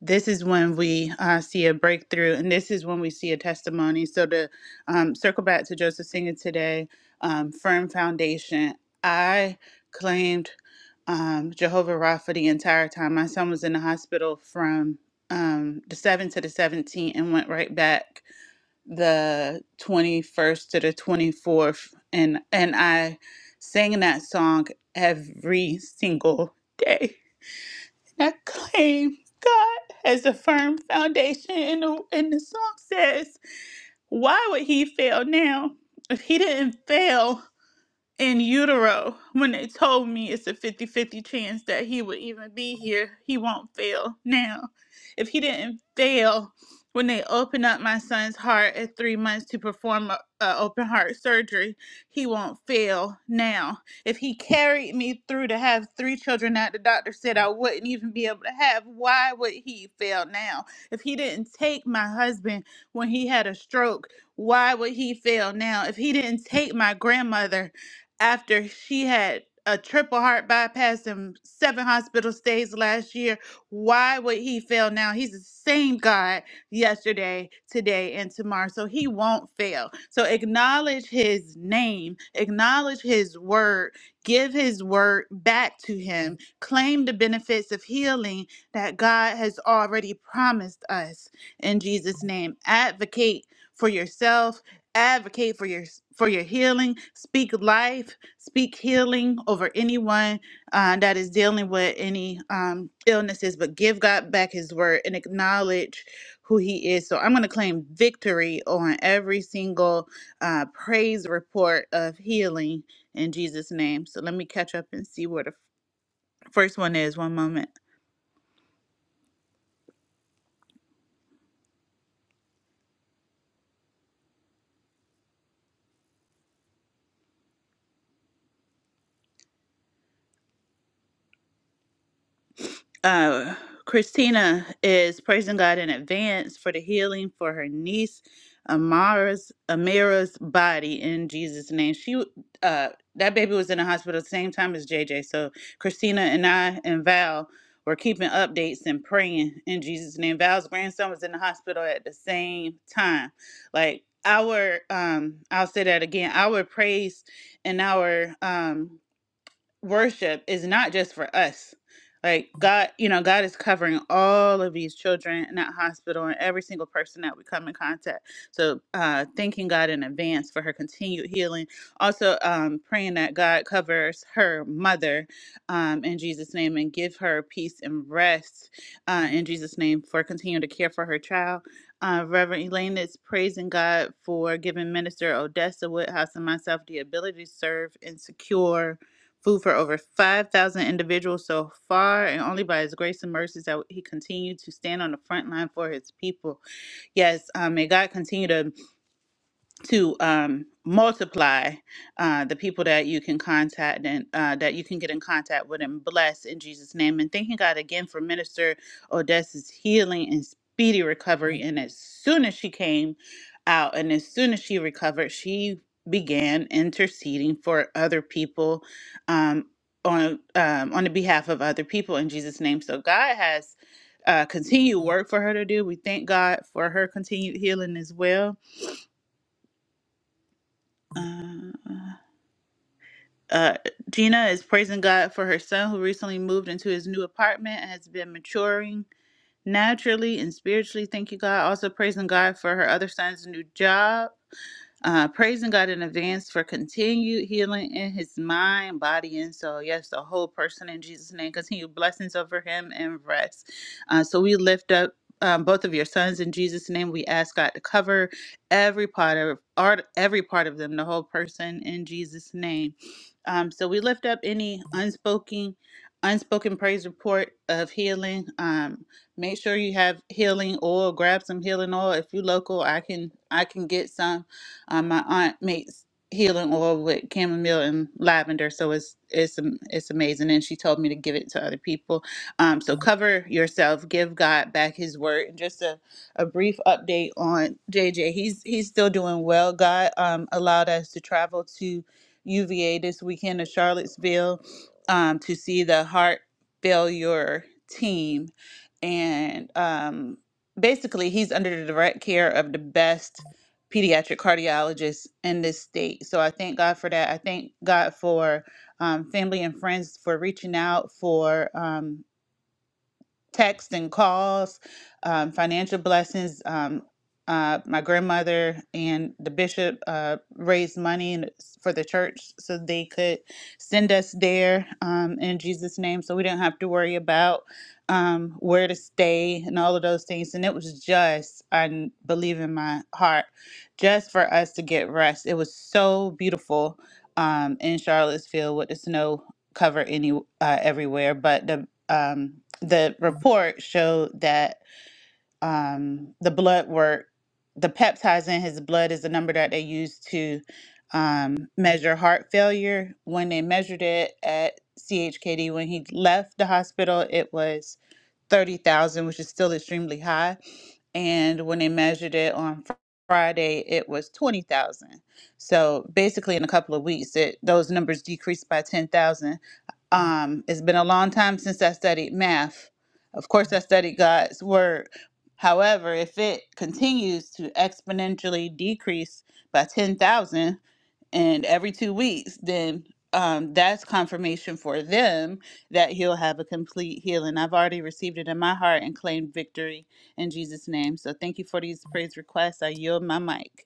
E: this is when we uh, see a breakthrough and this is when we see a testimony so to um, circle back to joseph singer today um, firm foundation i claimed um, jehovah rapha the entire time my son was in the hospital from um, the 7th to the 17th and went right back the 21st to the 24th and and i sang that song every single day and I claim God as a firm foundation. And the, and the song says, Why would he fail now? If he didn't fail, in utero when they told me it's a fifty-fifty chance that he would even be here he won't fail now if he didn't fail when they opened up my son's heart at three months to perform a, a open heart surgery he won't fail now if he carried me through to have three children that the doctor said i wouldn't even be able to have why would he fail now if he didn't take my husband when he had a stroke why would he fail now if he didn't take my grandmother after she had a triple heart bypass and seven hospital stays last year. Why would he fail now? He's the same God yesterday, today, and tomorrow. So he won't fail. So acknowledge his name, acknowledge his word, give his word back to him, claim the benefits of healing that God has already promised us in Jesus' name. Advocate for yourself advocate for your for your healing speak life speak healing over anyone uh, that is dealing with any um, illnesses but give god back his word and acknowledge who he is so i'm going to claim victory on every single uh, praise report of healing in jesus name so let me catch up and see where the f- first one is one moment uh, Christina is praising God in advance for the healing for her niece Amara's Amira's body in Jesus' name. She w- uh, that baby was in the hospital the same time as JJ. So Christina and I and Val were keeping updates and praying in Jesus' name. Val's grandson was in the hospital at the same time. Like our um, I'll say that again. Our praise and our um worship is not just for us. Like God, you know, God is covering all of these children in that hospital and every single person that we come in contact. So, uh, thanking God in advance for her continued healing. Also, um, praying that God covers her mother um, in Jesus' name and give her peace and rest uh, in Jesus' name for continuing to care for her child. Uh, Reverend Elaine is praising God for giving Minister Odessa Woodhouse and myself the ability to serve and secure food for over 5,000 individuals so far, and only by His grace and mercies that he continued to stand on the front line for His people. Yes, um, may God continue to to um, multiply uh, the people that you can contact and uh, that you can get in contact with and bless in Jesus' name. And thanking God again for Minister Odessa's healing and speedy recovery. And as soon as she came out and as soon as she recovered, she began interceding for other people um, on um, on the behalf of other people in Jesus' name. So God has uh, continued work for her to do. We thank God for her continued healing as well. Uh, Uh, Gina is praising God for her son who recently moved into his new apartment and has been maturing naturally and spiritually. Thank you, God. Also praising God for her other son's new job uh, praising God in advance for continued healing in his mind, body, and soul. Yes, the whole person in Jesus' name. Continue blessings over him and rest. Uh, so we lift up um, both of your sons in Jesus' name. We ask God to cover every part of art, every part of them, the whole person in Jesus' name. Um, so we lift up any unspoken, unspoken praise report of healing. Um, make sure you have healing oil grab some healing oil if you local i can i can get some um, my aunt makes healing oil with chamomile and lavender, so it's it's am- it's amazing. And she told me to give it to other people. Um, so cover yourself, give God back His word, and just a, a brief update on JJ. He's he's still doing well. God um, allowed us to travel to UVA this weekend to Charlottesville um, to see the heart failure team, and um, basically he's under the direct care of the best pediatric cardiologists in this state. So I thank God for that. I thank God for um, family and friends for reaching out for. Um, texts and calls, um, financial blessings. Um, uh, my grandmother and the bishop uh, raised money in, for the church so they could send us there um, in Jesus' name so we didn't have to worry about um, where to stay and all of those things. And it was just, i believe in my heart, just for us to get rest. It was so beautiful um, in Charlottesville with the snow cover any uh, everywhere, but the um, the report showed that um, the blood work, the peptides in his blood is the number that they use to um, measure heart failure. When they measured it at CHKD, when he left the hospital, it was 30,000, which is still extremely high. And when they measured it on Fr- Friday, it was 20,000. So basically, in a couple of weeks, it, those numbers decreased by 10,000. Um, it's been a long time since I studied math. Of course, I studied God's word. However, if it continues to exponentially decrease by 10,000, and every two weeks, then um, that's confirmation for them that he'll have a complete healing. I've already received it in my heart and claimed victory in Jesus' name. So thank you for these praise requests. I yield my mic.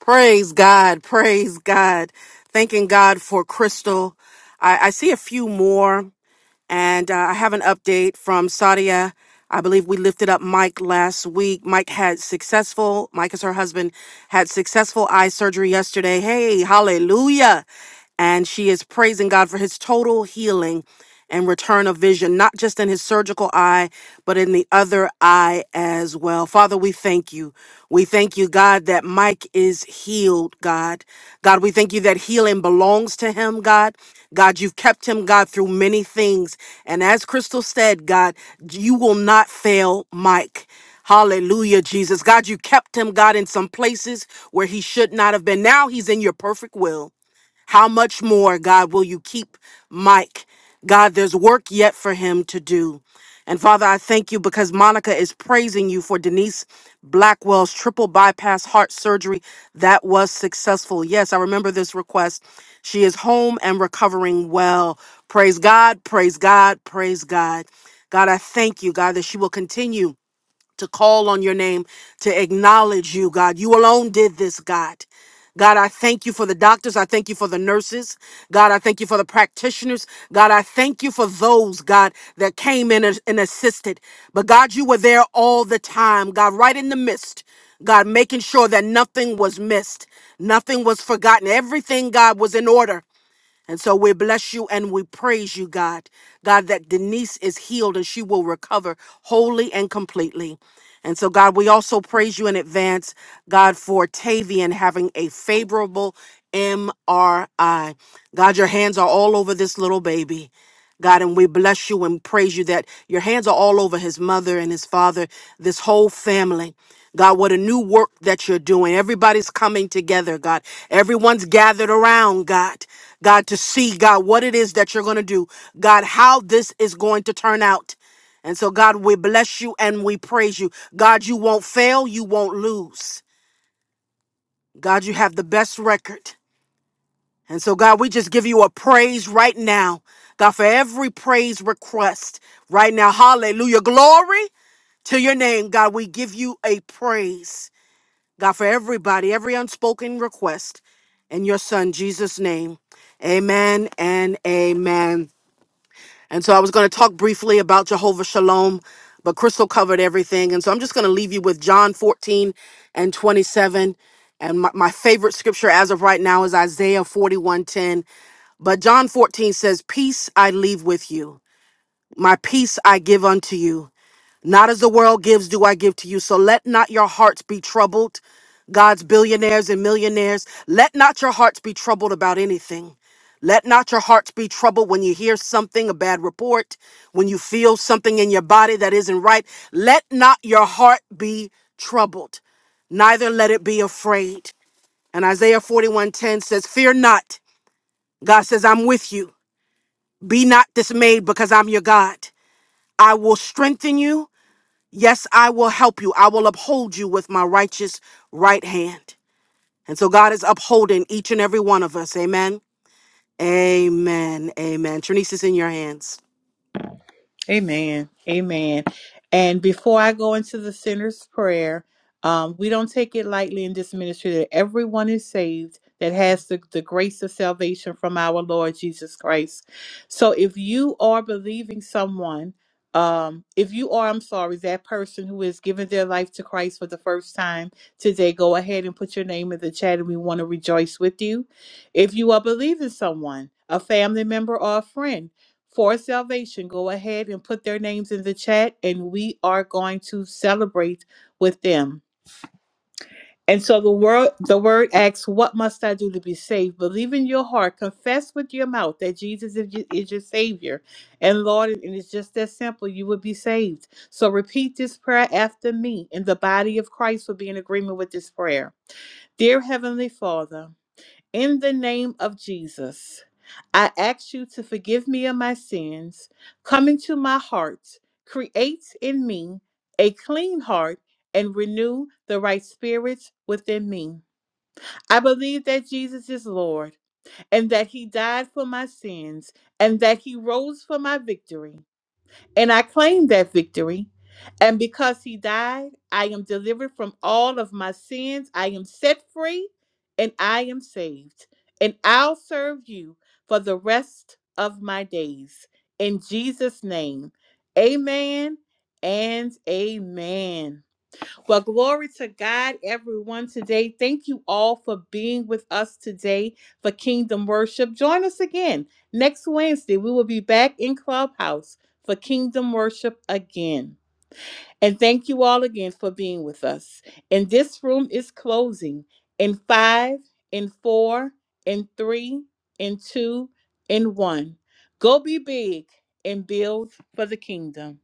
B: Praise God. Praise God. Thanking God for Crystal. I, I see a few more. And uh, I have an update from Sadia. I believe we lifted up Mike last week. Mike had successful, Mike is her husband, had successful eye surgery yesterday. Hey, hallelujah. And she is praising God for his total healing and return of vision, not just in his surgical eye, but in the other eye as well. Father, we we thank you. We thank you, God, that Mike is healed, God. God, we thank you that healing belongs to him, God. God, you've kept him, God, through many things. And as Crystal said, God, you will not fail Mike. Hallelujah, Jesus. God, you kept him, God, in some places where he should not have been. Now he's in your perfect will. How much more, God, will you keep Mike? God, there's work yet for him to do. And Father, I thank you because Monica is praising you for Denise Blackwell's triple bypass heart surgery that was successful. Yes, I remember this request. She is home and recovering well. Praise God, praise God, praise God. God, I thank you, God, that she will continue to call on your name, to acknowledge you, God. You alone did this, God. God, I thank you for the doctors. I thank you for the nurses. God, I thank you for the practitioners. God, I thank you for those, God, that came in and and assisted. But God, you were there all the time, God, right in the midst. God, making sure that nothing was missed, nothing was forgotten. Everything, God, was in order. And so we bless you and we praise you, God. God, that Denise is healed and she will recover wholly and completely. And so, God, we also praise you in advance, God, for Tavian having a favorable MRI. God, your hands are all over this little baby. God, and we bless you and praise you that your hands are all over his mother and his father, this whole family. God, what a new work that you're doing. Everybody's coming together, God. Everyone's gathered around, God. God, to see, God, what it is that you're going to do. God, how this is going to turn out. And so, God, we bless you and we praise you. God, you won't fail, you won't lose. God, you have the best record. And so, God, we just give you a praise right now. God, for every praise request right now. Hallelujah. Glory to your name, God. We give you a praise. God, for everybody, every unspoken request in your son, Jesus' name. Amen and amen. And so I was going to talk briefly about Jehovah Shalom, but Crystal covered everything. And so I'm just going to leave you with John 14 and 27. And my, my favorite scripture as of right now is Isaiah 41:10. But John 14 says, Peace I leave with you, my peace I give unto you. Not as the world gives, do I give to you. So let not your hearts be troubled. God's billionaires and millionaires, let not your hearts be troubled about anything. Let not your hearts be troubled when you hear something, a bad report, when you feel something in your body that isn't right. Let not your heart be troubled, neither let it be afraid. And Isaiah 41:10 says, Fear not. God says, I'm with you. Be not dismayed because I'm your God. I will strengthen you. Yes, I will help you. I will uphold you with my righteous right hand. And so God is upholding each and every one of us. Amen. Amen. Amen. Trinice is in your hands.
A: Amen. Amen. And before I go into the sinner's prayer, um, we don't take it lightly in this ministry that everyone is saved that has the, the grace of salvation from our Lord Jesus Christ. So if you are believing someone, um, if you are, I'm sorry, that person who has given their life to Christ for the first time today, go ahead and put your name in the chat and we want to rejoice with you. If you are believing someone, a family member or a friend, for salvation, go ahead and put their names in the chat and we are going to celebrate with them. And so the word the word asks, what must I do to be saved? Believe in your heart, confess with your mouth that Jesus is your, is your savior and Lord, and it's just that simple, you will be saved. So repeat this prayer after me, and the body of Christ will be in agreement with this prayer. Dear heavenly Father, in the name of Jesus, I ask you to forgive me of my sins. Come into my heart, create in me a clean heart, and renew the right spirit within me. I believe that Jesus is Lord, and that he died for my sins, and that he rose for my victory. And I claim that victory. And because he died, I am delivered from all of my sins. I am set free and I am saved. And I'll serve you for the rest of my days. In Jesus' name, amen and amen. Well, glory to God, everyone, today. Thank you all for being with us today for Kingdom Worship. Join us again next Wednesday. We will be back in Clubhouse for Kingdom Worship again. And thank you all again for being with us. And this room is closing in five, in four, in three, in two, in one. Go be big and build for the kingdom.